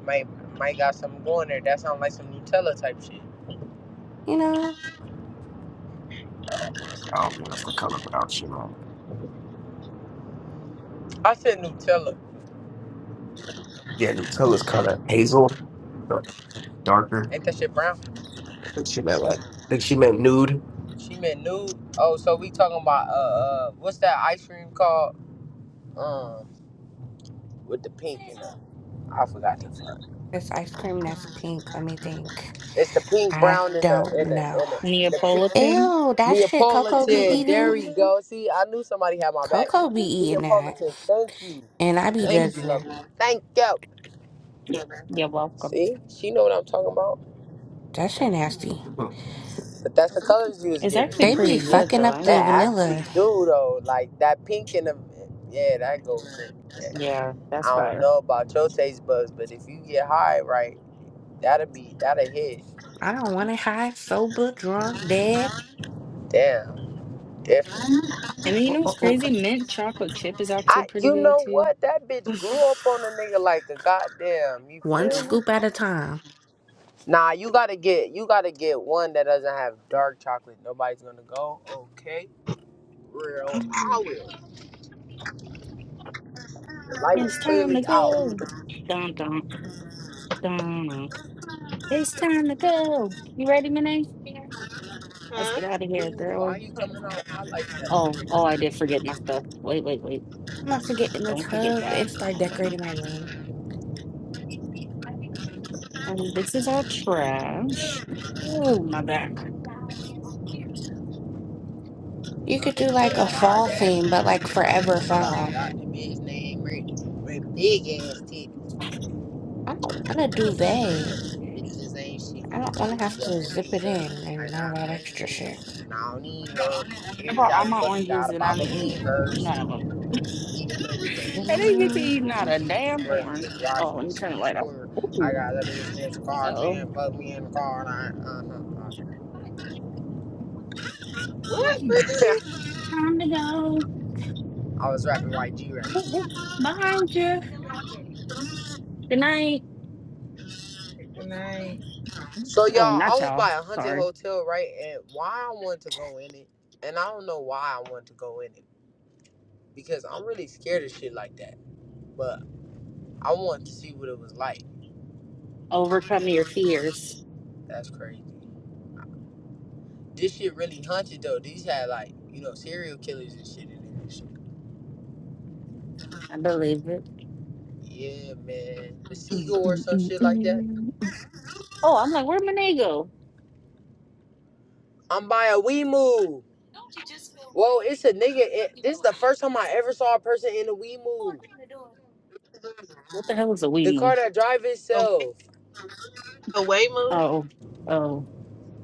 Speaker 14: Might might got something going there. That sound like some Nutella type shit.
Speaker 8: you know?
Speaker 3: I don't think that's the color without you, man.
Speaker 14: I said Nutella.
Speaker 3: Yeah, Nutella's color hazel, but darker.
Speaker 14: Ain't that shit brown?
Speaker 3: I think she meant like,
Speaker 8: And
Speaker 3: I think she meant nude.
Speaker 14: She meant nude. Oh, so we talking about uh, uh what's that ice cream called? Um, with the pink in it. I forgot the fuck.
Speaker 8: This ice cream that's pink, let me think.
Speaker 14: It's the pink,
Speaker 8: I
Speaker 14: brown, and
Speaker 8: don't
Speaker 14: the and the
Speaker 8: know.
Speaker 14: and the
Speaker 9: Neapolitan.
Speaker 8: Ew, that shit
Speaker 14: Neapolo.
Speaker 8: Coco be eating?
Speaker 14: See, I knew somebody had my back.
Speaker 8: Coco be eating that.
Speaker 14: Thank you,
Speaker 8: and I be judging her.
Speaker 14: thank you.
Speaker 9: You're welcome.
Speaker 14: See, she know what I'm talking about.
Speaker 8: That shit nasty.
Speaker 3: Mm.
Speaker 14: But that's the colors you was
Speaker 9: It's
Speaker 14: giving.
Speaker 9: actually
Speaker 8: They be
Speaker 9: pretty good
Speaker 8: fucking
Speaker 9: though. I
Speaker 8: up
Speaker 9: ain't
Speaker 8: the
Speaker 9: gonna
Speaker 14: Yeah,
Speaker 9: lie.
Speaker 8: vanilla.
Speaker 14: do though. Like that pink and the yeah, that goes. In. Yeah.
Speaker 9: Yeah, that's
Speaker 14: I don't
Speaker 9: fire.
Speaker 14: know about your taste buds, but if you get high right, that'll be that'll hit.
Speaker 8: I don't want it high, sober, drunk, dead.
Speaker 14: Damn. If
Speaker 9: And then you
Speaker 3: Oh.
Speaker 9: know what's
Speaker 3: oh, oh.
Speaker 9: crazy? Mint chocolate chip is actually
Speaker 14: I,
Speaker 9: pretty
Speaker 14: you
Speaker 9: good
Speaker 14: know
Speaker 9: too.
Speaker 14: what, that bitch grew up on a nigga like a goddamn. You
Speaker 8: One
Speaker 14: feel me?
Speaker 8: scoop at a time.
Speaker 14: Nah, you gotta get you gotta get one that doesn't have dark chocolate. Nobody's gonna go. Okay, real out,
Speaker 9: It's time to
Speaker 14: really out.
Speaker 9: go. Dun, dun, dun. dun. It's time to go. You ready, Minnie? Let's get out of here,
Speaker 14: Ooh,
Speaker 9: girl.
Speaker 14: why you coming on out like that?
Speaker 9: Oh, oh, I did forget my stuff. Wait, wait, wait.
Speaker 8: I'm about to get in the
Speaker 9: Don't forget
Speaker 8: tub
Speaker 9: that.
Speaker 8: and start
Speaker 9: Hold
Speaker 8: decorating
Speaker 9: on.
Speaker 8: my room.
Speaker 9: Um, this is our trash. Ooh, my back.
Speaker 8: You
Speaker 14: Uh,
Speaker 8: could do like a
Speaker 14: yeah, all
Speaker 8: fall
Speaker 14: that
Speaker 8: theme, but
Speaker 14: bitch.
Speaker 8: like forever
Speaker 14: Stop,
Speaker 8: fall.
Speaker 14: stop. The bitch name Brittany. With big ass titties.
Speaker 8: I don't want a duvet.
Speaker 14: Bitches ain't
Speaker 8: I don't want to
Speaker 14: shit.
Speaker 8: have to
Speaker 14: I,
Speaker 8: zip it in
Speaker 14: I,
Speaker 8: and all that
Speaker 14: I,
Speaker 8: extra shit.
Speaker 14: I don't need. no-
Speaker 9: I brought all my oranges
Speaker 14: gotta
Speaker 9: and I
Speaker 14: pop a
Speaker 9: didn't eat
Speaker 14: bean first.
Speaker 9: none of them. I didn't get to eat not a damn orange. Oh, let me turn the light off.
Speaker 14: score, I
Speaker 9: Ooh,
Speaker 14: got let me just in the
Speaker 9: uh
Speaker 14: car,
Speaker 9: oh.
Speaker 14: then put me in the car, and I, uh-huh,
Speaker 9: Okay, time to go.
Speaker 14: I was rapping like G rap.
Speaker 9: Ooh, ooh. Bye, Jeff. Good night.
Speaker 14: So y'all,
Speaker 9: Oh, not
Speaker 14: I was
Speaker 9: y'all.
Speaker 14: by a haunted
Speaker 9: Sorry.
Speaker 14: hotel, right? And why I wanted to go in it, and I don't know why I wanted to go in it because I'm really scared of shit like that. But I wanted to see what it was like.
Speaker 9: Overcome your fears.
Speaker 14: That's crazy. This shit really haunted though. These had like you know serial killers and shit in it.
Speaker 9: I believe it.
Speaker 14: Yeah, man.
Speaker 9: Mm, mm,
Speaker 14: Some
Speaker 9: mm,
Speaker 14: shit like that.
Speaker 9: mm. Oh, I'm like, where'd Monet go?
Speaker 14: I'm by a wee move. Whoa, it's a nigga. It, this is the first time I ever saw a person in a wee move.
Speaker 9: What the hell is a
Speaker 14: The
Speaker 9: wee moo?
Speaker 14: car that drive itself.
Speaker 9: Oh, oh.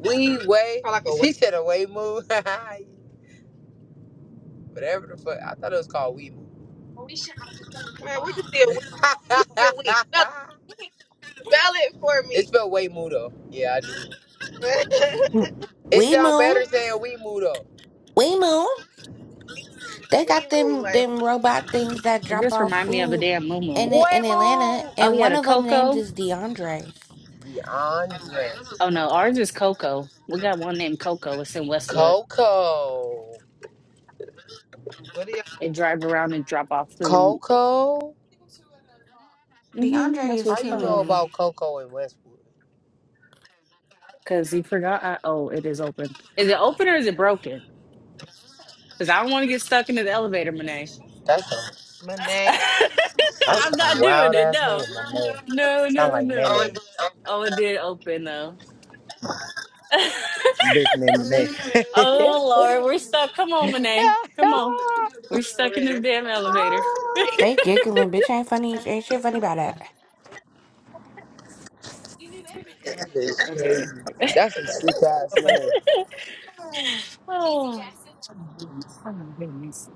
Speaker 14: Wee way. She said a way move. Whatever the fuck. I thought it was called wee move. it's spelled way move though. Yeah, I do. It
Speaker 8: We
Speaker 14: sounds
Speaker 8: move.
Speaker 14: better saying wee move though.
Speaker 8: We move. They got them them robot things that
Speaker 9: It
Speaker 8: drop
Speaker 9: just
Speaker 8: off
Speaker 9: remind me of a
Speaker 8: food
Speaker 9: damn moo moo.
Speaker 8: in A-
Speaker 14: Way
Speaker 8: in Atlanta,
Speaker 14: move.
Speaker 9: Oh,
Speaker 8: and
Speaker 9: yeah,
Speaker 8: one
Speaker 9: the
Speaker 8: of them named
Speaker 9: Coco.
Speaker 8: is DeAndre.
Speaker 14: Dion
Speaker 9: Oh, no, ours is Coco. We got one named Coco. It's in Westwood.
Speaker 14: Coco.
Speaker 9: They drive around and drop off food.
Speaker 14: Coco.
Speaker 9: hmm
Speaker 8: DeAndre
Speaker 9: that's what
Speaker 8: is
Speaker 14: How
Speaker 9: it's
Speaker 14: you
Speaker 8: killing
Speaker 14: know
Speaker 9: called.
Speaker 14: about
Speaker 8: me.
Speaker 14: Coco in Westwood?
Speaker 9: Because he forgot. I, oh, it is open. Is it open or is it broken? Because I don't want to get stuck into the elevator, Monet.
Speaker 14: That's
Speaker 9: I'm not doing
Speaker 14: wild
Speaker 9: it.
Speaker 14: ass name.
Speaker 9: No. No,
Speaker 14: Sound
Speaker 9: no,
Speaker 14: like man.
Speaker 9: no. Oh, it did open though.
Speaker 14: bitch named
Speaker 9: Oh Lord, we're stuck. Come on, Monet. Come on. We're stuck in this damn elevator.
Speaker 8: They giggling, bitch. Ain't funny. Ain't shit funny about that.
Speaker 14: That is
Speaker 9: Okay.
Speaker 14: crazy. That's a sick ass man.
Speaker 9: Oh, oh my goodness.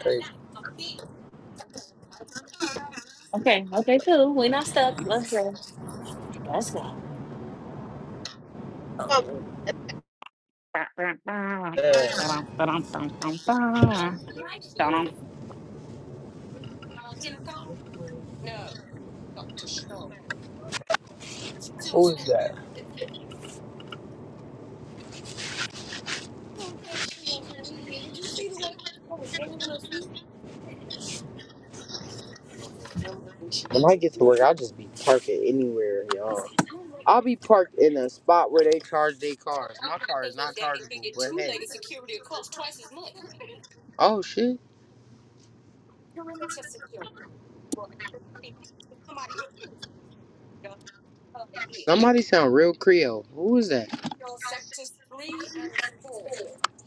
Speaker 14: Crazy.
Speaker 9: Okay, okay, cool. We're not stuck. Let's go. Let's go. Oh. Ba, ba, ba.
Speaker 14: Yeah.
Speaker 9: Ba-dum, ba-dum, bum, bum, ba. Ba-dum.
Speaker 14: Who is that? When I get to work, I'll just be parking anywhere, y'all. I'll be parked in a spot where they charge their cars. My car is not chargeable, but hey. Oh shit. Somebody sound real Creole. Who is that?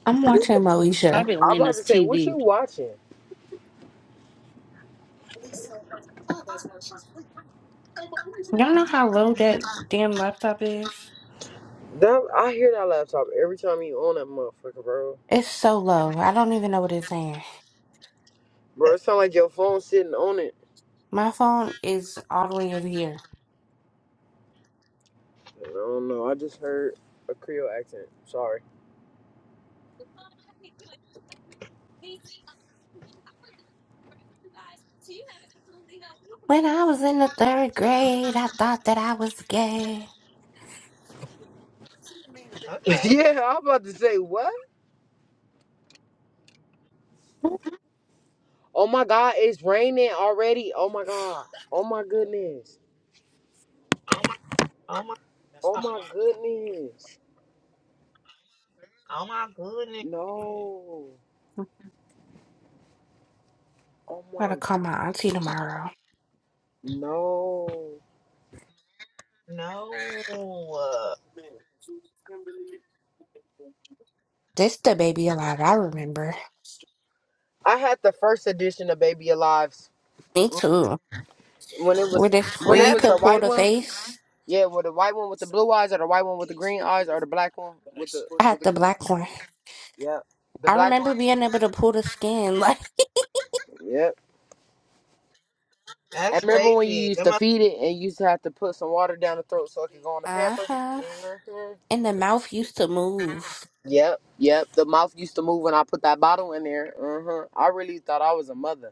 Speaker 8: I'm watching
Speaker 14: I'm
Speaker 9: It's
Speaker 8: Moesha.
Speaker 9: probably
Speaker 14: about
Speaker 9: Lena's
Speaker 14: to say, what you
Speaker 9: TV.
Speaker 14: watching?
Speaker 8: Y'all know how low that damn laptop is?
Speaker 14: That I hear that laptop every time you on that motherfucker, bro.
Speaker 8: It's so low. I don't even know what it's saying.
Speaker 14: Bro, it sound like your phone sitting on it.
Speaker 8: My phone is all the way over here.
Speaker 14: I don't know. I just heard a Creole accent. Sorry.
Speaker 8: When I was in the third grade, I thought that I was gay.
Speaker 14: yeah, I'm about to say what? Oh my God, it's raining already. Oh my God. Oh my goodness. Oh my goodness. No. Oh my
Speaker 8: Gotta call
Speaker 14: God.
Speaker 8: my auntie tomorrow.
Speaker 14: No.
Speaker 8: This the baby alive. I remember.
Speaker 14: I had the first edition of Baby Alive's
Speaker 8: Me too.
Speaker 14: when it was
Speaker 8: Where this where
Speaker 14: when it
Speaker 8: you
Speaker 14: was
Speaker 8: could
Speaker 14: the
Speaker 8: pull
Speaker 14: white
Speaker 8: the
Speaker 14: one.
Speaker 8: face.
Speaker 14: Yeah, well the white one with the blue eyes or the white one with the green eyes or the black one with the
Speaker 8: I had
Speaker 14: with the
Speaker 8: the
Speaker 14: green eyes.
Speaker 8: black one.
Speaker 14: Yep. The
Speaker 8: I
Speaker 14: black
Speaker 8: remember being able to pull the skin, like
Speaker 14: Yep. I remember when you used to feed it and you used to have to put some water down the throat so it could go on the
Speaker 8: uh huh.
Speaker 14: pamper.
Speaker 8: And the mouth used to move,
Speaker 14: Yep, yep. The mouth used to move when I put that bottle in there. Uh-huh. I really thought I was a mother.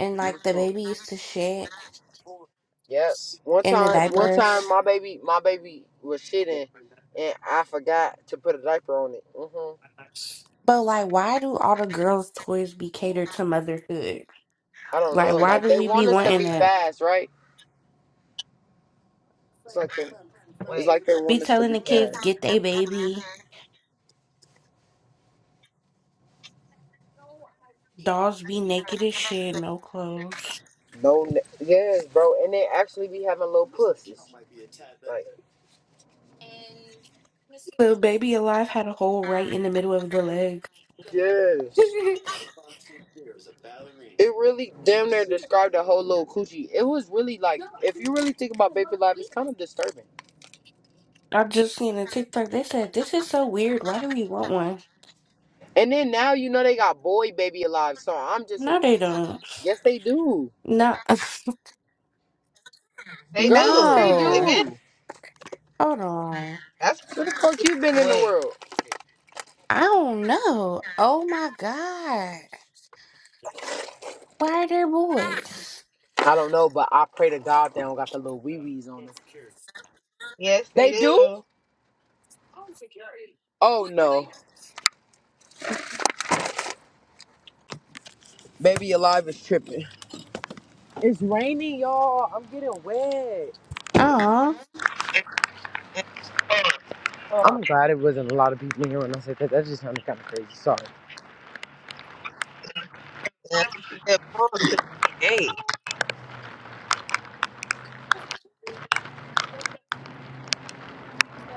Speaker 8: and like the
Speaker 14: Mhm.
Speaker 8: baby used to shit
Speaker 14: Yep. One
Speaker 8: in the
Speaker 14: time
Speaker 8: diapers.
Speaker 14: my baby my baby was shitting and I forgot to put a diaper on it. hmm
Speaker 8: But like, why do all the girls' toys be catered to motherhood?
Speaker 14: I don't
Speaker 8: Like,
Speaker 14: know.
Speaker 8: why do we be wanting
Speaker 14: It's
Speaker 8: that?
Speaker 14: Fast, right? It's like they, it's like they
Speaker 8: Be
Speaker 14: want
Speaker 8: telling the kids get they baby. Dolls be naked as shit, no clothes.
Speaker 14: to know. ne- Yes, bro. And they actually be having little pussies. Like
Speaker 8: The baby alive had a hole right in the middle of the leg.
Speaker 14: yes. It really damn near described the whole little coochie. It was really like if you really think about baby life, it's kind of disturbing.
Speaker 8: I just seen a TikTok. They said this is so weird. Why do we want one?
Speaker 14: And then now you know they got boy baby alive So I'm just a,
Speaker 8: No, they don't.
Speaker 14: yes they do.
Speaker 8: No,
Speaker 14: Girl, yes they
Speaker 8: no.
Speaker 14: do.
Speaker 8: Hold on.
Speaker 14: Where the fuck you been in the world?
Speaker 8: I don't know. Oh my god. Why are there boys?
Speaker 14: I don't know, but I pray to God they don't got the little wee wees on them. They do? Oh no. Baby alive is tripping. It's raining, y'all. I'm getting wet.
Speaker 8: Uh,
Speaker 14: I'm glad it wasn't a lot of people in here when I said that. That just sounded kind of crazy. Sorry.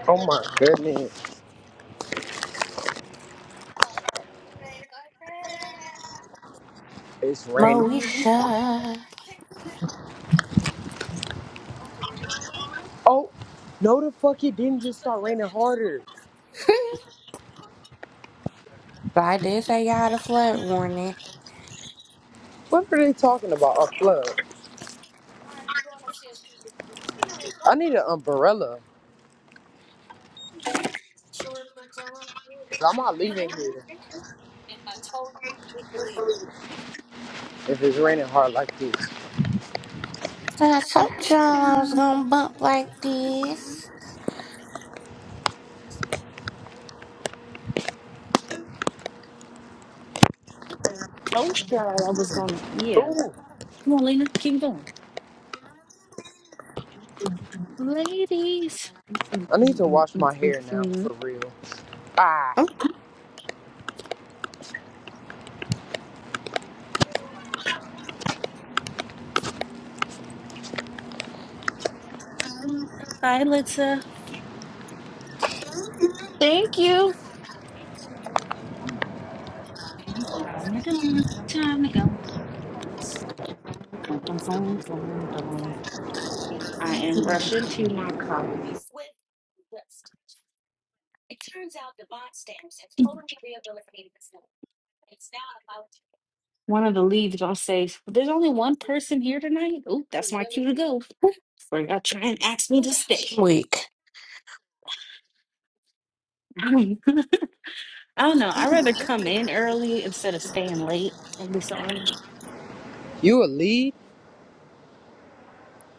Speaker 14: Oh my goodness. It's raining.
Speaker 8: Moesha.
Speaker 14: Oh, no the fuck it didn't just start raining harder.
Speaker 8: But I did say y'all had a flood warning.
Speaker 14: What are they talking about? A flood. I need an umbrella. I'm not leaving here if it's raining hard like this.
Speaker 8: So I told y'all I was gonna bump like this.
Speaker 9: Told y'all I was gonna. Yeah.
Speaker 14: Ooh,
Speaker 9: Come on, Lena. Keep going. Ladies. Mm, mm,
Speaker 14: I need
Speaker 9: mm,
Speaker 14: to
Speaker 9: mm,
Speaker 14: wash
Speaker 9: mm,
Speaker 14: my
Speaker 9: mm,
Speaker 14: hair now
Speaker 9: mm.
Speaker 14: for real. Ah,
Speaker 8: Oh,
Speaker 9: Bye, Litsa. Thank you. Oh, time to go. Time to go. Dun, dun, dun, dun, dun. I am rushing to my car. One of the leads gonna say, "There's only one person here tonight." Oh, that's my cue to go. Or gonna try and ask me to stay.
Speaker 8: Week.
Speaker 9: I don't know. I'd rather come in early instead of staying late and be so on the
Speaker 14: you a lead?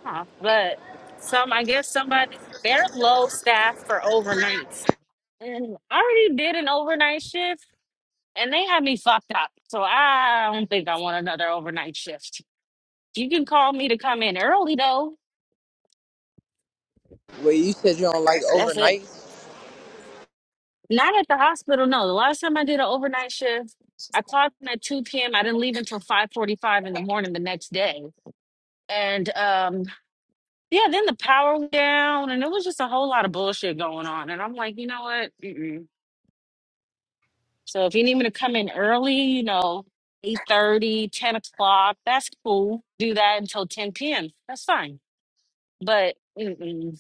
Speaker 9: shop. But some, I guess, somebody they're low staff for overnights. And I already did an overnight shift and they had me fucked up. So I don't think I want another overnight shift. You can call me to come in early though.
Speaker 14: Well, you said you don't her
Speaker 9: That's it.
Speaker 14: nights.
Speaker 9: Not at the hospital, no. The last time I did an overnight shift, I clocked in at 2 p.m. I didn't leave until 5:45 in the morning the next day. And um yeah, then the power went down and it was just a whole lot of bullshit going on. And I'm like, you know what? Mm-mm. So if you need me to come in early, you know, eight thirty, ten o'clock, that's cool. Do that until 10 p.m. That's fine. But mm-mm,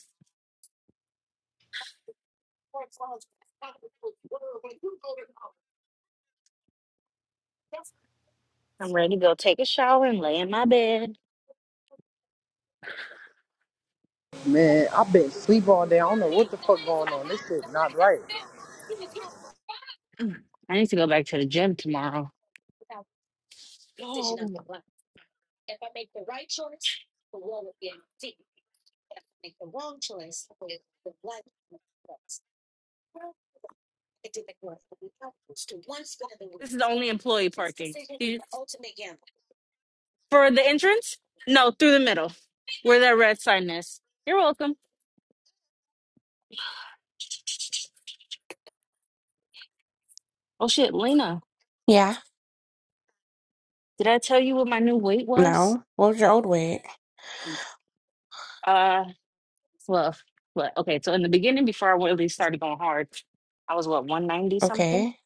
Speaker 9: I'm ready to go take a shower and lay in my bed.
Speaker 14: Man, I've been sleep all day. I don't know what the fuck going on. This shit not right.
Speaker 9: I need to go back to the gym tomorrow. Oh, this is only employee parking. You- For the entrance? No, through the middle, where that red sign is. You're welcome. Oh shit, Lena,
Speaker 8: Yeah.
Speaker 9: did I tell you what my new weight was?
Speaker 8: No. What was your old wig?
Speaker 9: Uh, Well, if- well, okay. So in the beginning, before I really started going hard, I was what 190 something.
Speaker 8: Okay.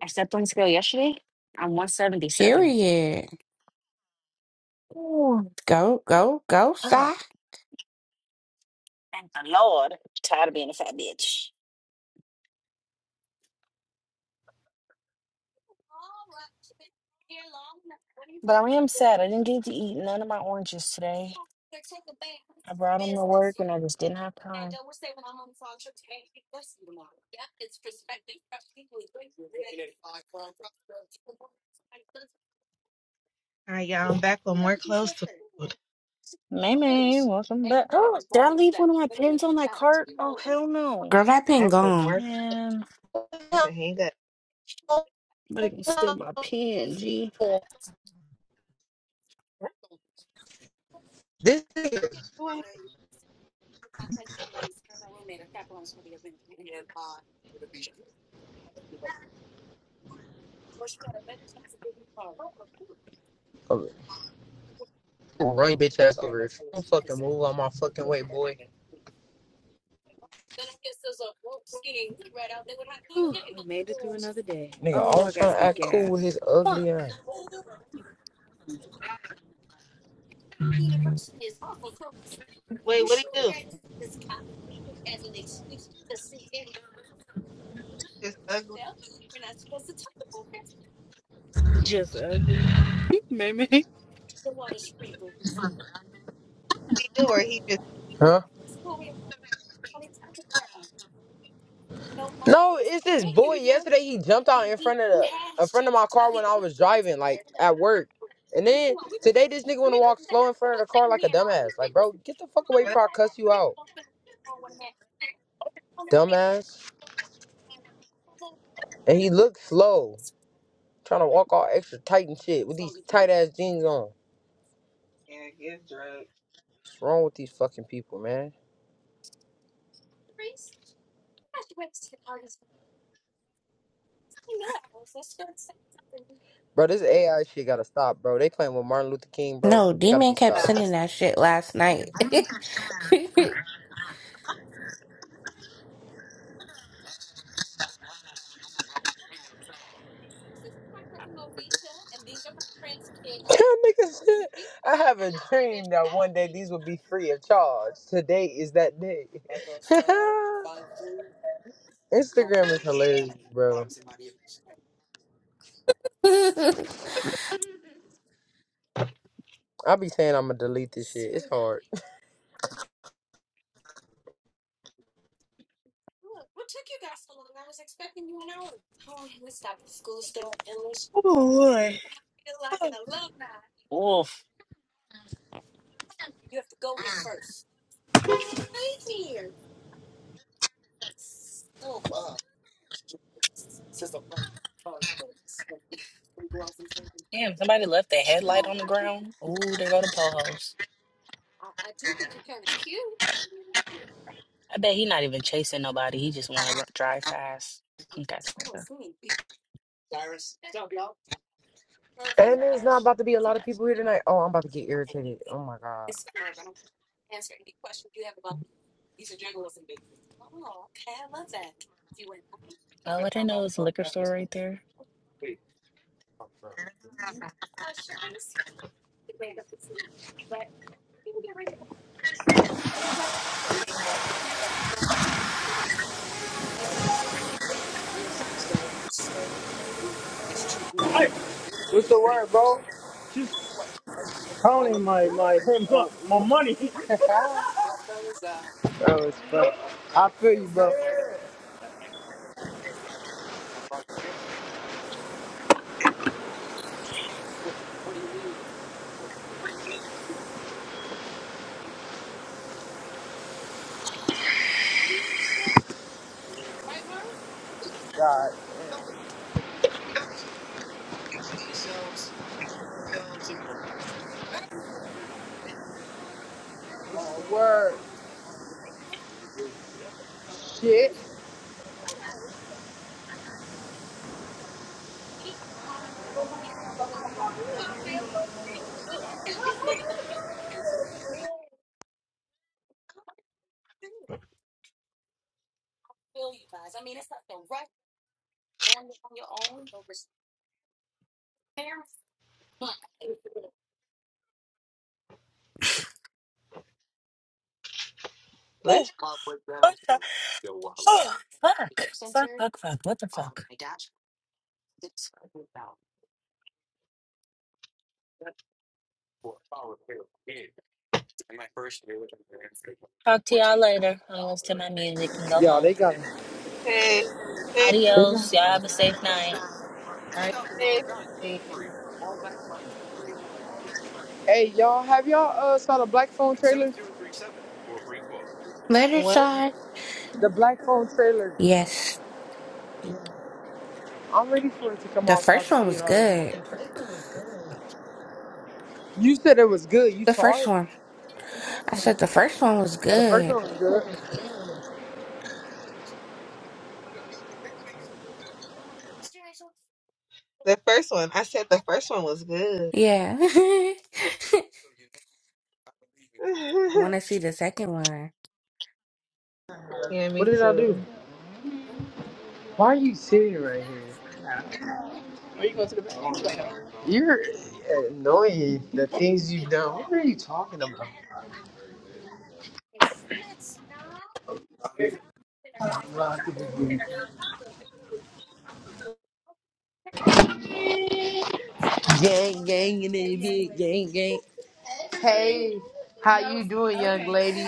Speaker 9: I stepped on the scale yesterday. I'm 177.
Speaker 8: Period.
Speaker 9: Ooh,
Speaker 8: Go, go, go, Si.
Speaker 9: Oh, thank the Lord. tired of being a fat bitch. but I am sad. I didn't get to eat none of my oranges today. I brought them to work and I just didn't have time. May May, welcome back. Oh, did I leave one of my pens on that cart? Oh, hell no.
Speaker 8: Girl, that pin gone.
Speaker 9: Man, somebody gonna steal my pen, G.
Speaker 14: This nigga will run your bitch ass over if you don't fucking move on my fucking way, boy.
Speaker 9: Whew, we made it through another day.
Speaker 14: Nigga
Speaker 9: Oh, I
Speaker 14: always
Speaker 9: gotta
Speaker 14: trying to
Speaker 9: get
Speaker 14: act cool with
Speaker 9: gas.
Speaker 14: his
Speaker 9: Fuck.
Speaker 14: ugly ass.
Speaker 7: Wait, what do you do?
Speaker 9: Just ugly. Maybe.
Speaker 14: Huh? No, it's this boy. Yesterday he jumped out in front of the in front of my car when I was driving, like at work. And then today this nigga wanna walk slow in front of the car like a dumbass. Like, bro, get the fuck away before I cuss you out, dumbass. And he looked slow, trying to walk all extra tight and shit with these tight ass jeans on. What's wrong with these fucking people, man? Bro, this AI shit gotta stop, bro. They playing with Martin Luther King, bro.
Speaker 8: No,
Speaker 14: It gotta
Speaker 8: D-Man
Speaker 14: be
Speaker 8: kept
Speaker 14: stopped.
Speaker 8: sending that shit last night.
Speaker 14: Nigga said, I have a dream that one day these will be free of charge. Today is that day. Instagram is hilarious, bro. I be saying I'm gonna delete this shit. It's hard.
Speaker 9: Oh boy. Oh. Oof. Damn, somebody left their headlight on the ground. Ooh, there go the pohos. I bet he not even chasing nobody. He just want to drive fast. Punk ass nigga.
Speaker 14: And there's not about to be a lot of people here tonight. Oh, I'm about to get irritated. Oh my god.
Speaker 9: Oh, I didn't know it was a liquor store right there.
Speaker 14: Hey, What's the word, bro? she's counting my my uh, my money. Bro, it's funny. I feel you, bro. God. What's the word? Shit.
Speaker 9: Oh, what the? Oh, fuck. Fuck, fuck, fuck. What the fuck? Talk to y'all later. I'm going to my music and go home. Adios. Y'all have a safe night.
Speaker 14: Hey, y'all, have y'all uh saw the Black Phone trailer?
Speaker 8: Murder Star?
Speaker 14: The black phone trailer.
Speaker 8: Yes.
Speaker 14: I'm ready for it to come
Speaker 8: The
Speaker 14: out so I
Speaker 8: first
Speaker 14: can
Speaker 8: one
Speaker 14: see
Speaker 8: was
Speaker 14: it already.
Speaker 8: good.
Speaker 14: You said it was good. You
Speaker 8: The
Speaker 14: saw
Speaker 8: first
Speaker 14: it?
Speaker 8: one. I said the first one was
Speaker 14: Oh, the first
Speaker 8: good.
Speaker 14: one was good.
Speaker 8: Yeah. I want to see the second one.
Speaker 14: What did I do? Why are you sitting right here? You're annoying. The things you've done. What are you talking about? Gang, gang, and then big gang, gang. Hey, how you doing, young lady?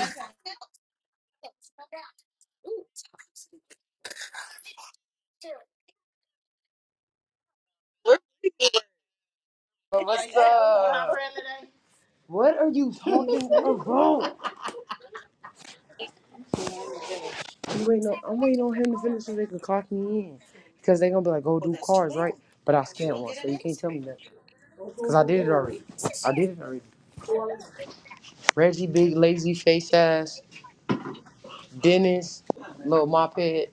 Speaker 14: Well, What's up? What are you talking about? I'm waiting on, I'm waiting on him to finish so they can clock me in. Because they're going to be like, go do cars, right? But I scanned one, so you can't tell me that. Cause I did it already. I did it already. Reggie, big lazy face ass. Dennis, little mop head.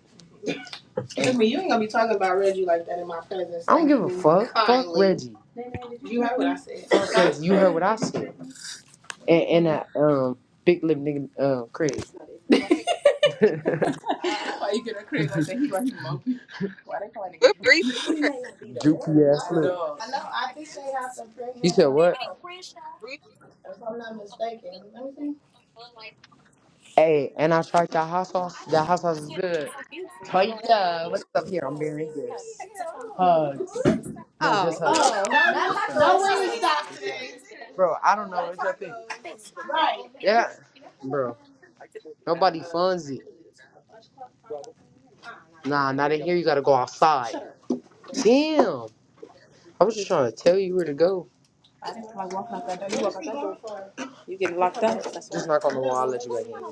Speaker 14: Excuse me, you ain't gonna be talking about Reggie like that in my presence. I don't give a fuck. Fuck kindly. Reggie. You heard what I said. Fuck Reggie. You heard what I said. And and that um big lip nigga um Craig. Dookie ass lip. I know. I think they have to bring him. You said what? out, if I'm not mistaken. Let me see. Hey, and I tried that hot sauce. That hot sauce is good. Toya, what's up here? I'm bearing gifts. Hug. No, just her. Oh, That's no wing stop. Bro, I don't know. It's your thing. Right. Yeah. Bro, nobody funds it. Nah, not in here. You gotta go outside. Damn. I was just trying to tell you where to go. Just knock on the wall. I'll let you back in.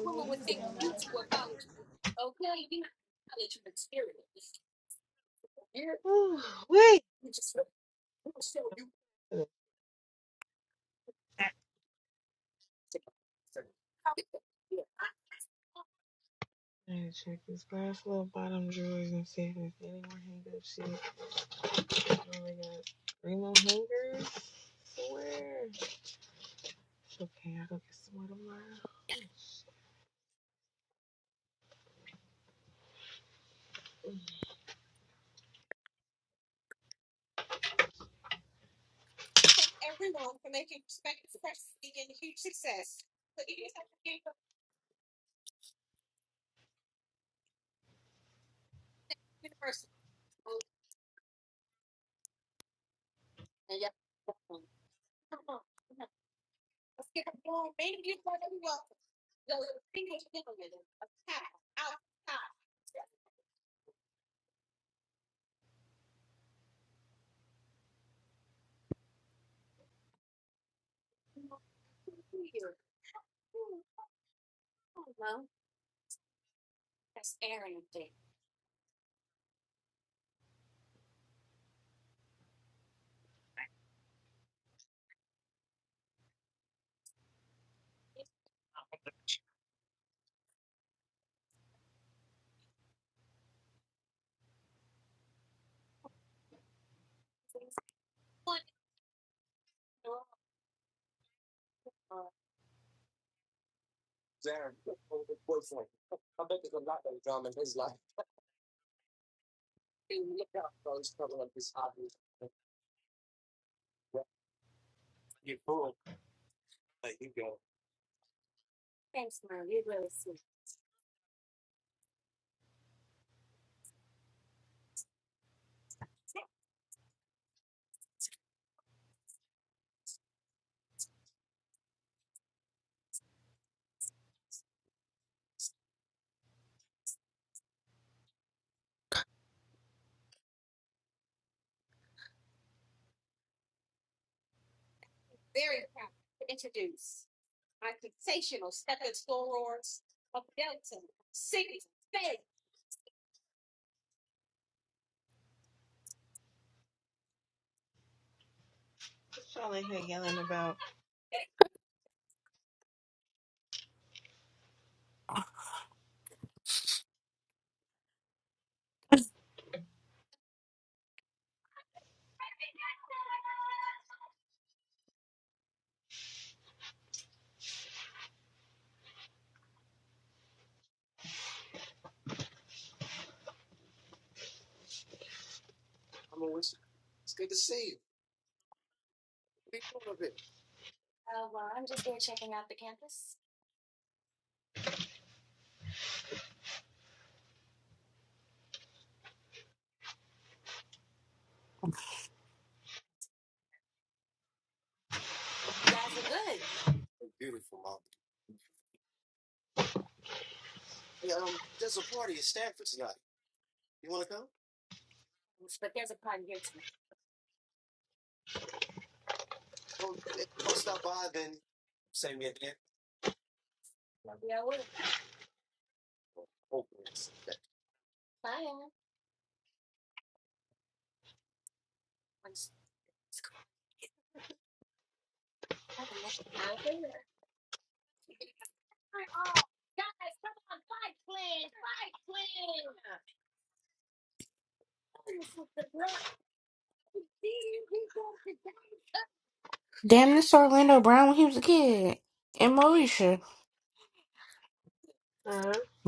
Speaker 8: Damn, this Orlando Brown when he was a kid. In Moesha.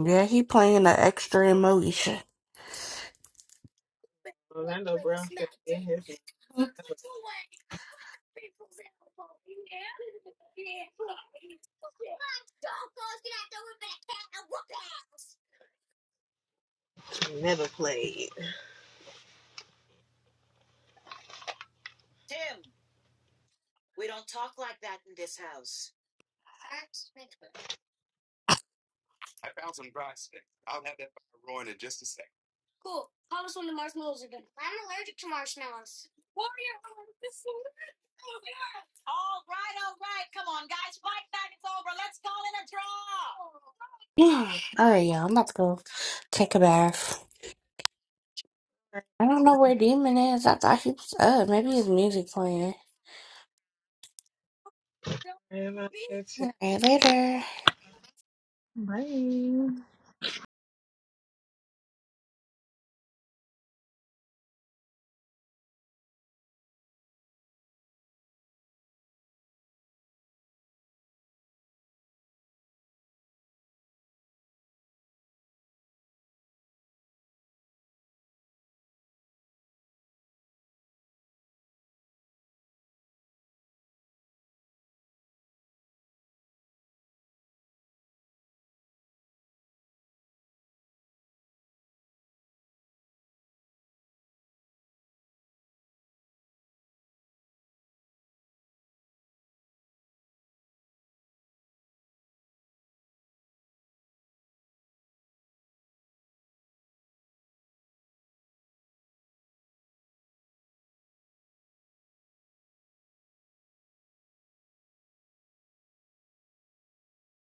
Speaker 8: Yeah, he playing the extra in Moesha. Yeah. All right, y'all. I'm about to go take a bath. I don't know where Demon is. I thought he was up. Maybe his music playing. All right, later.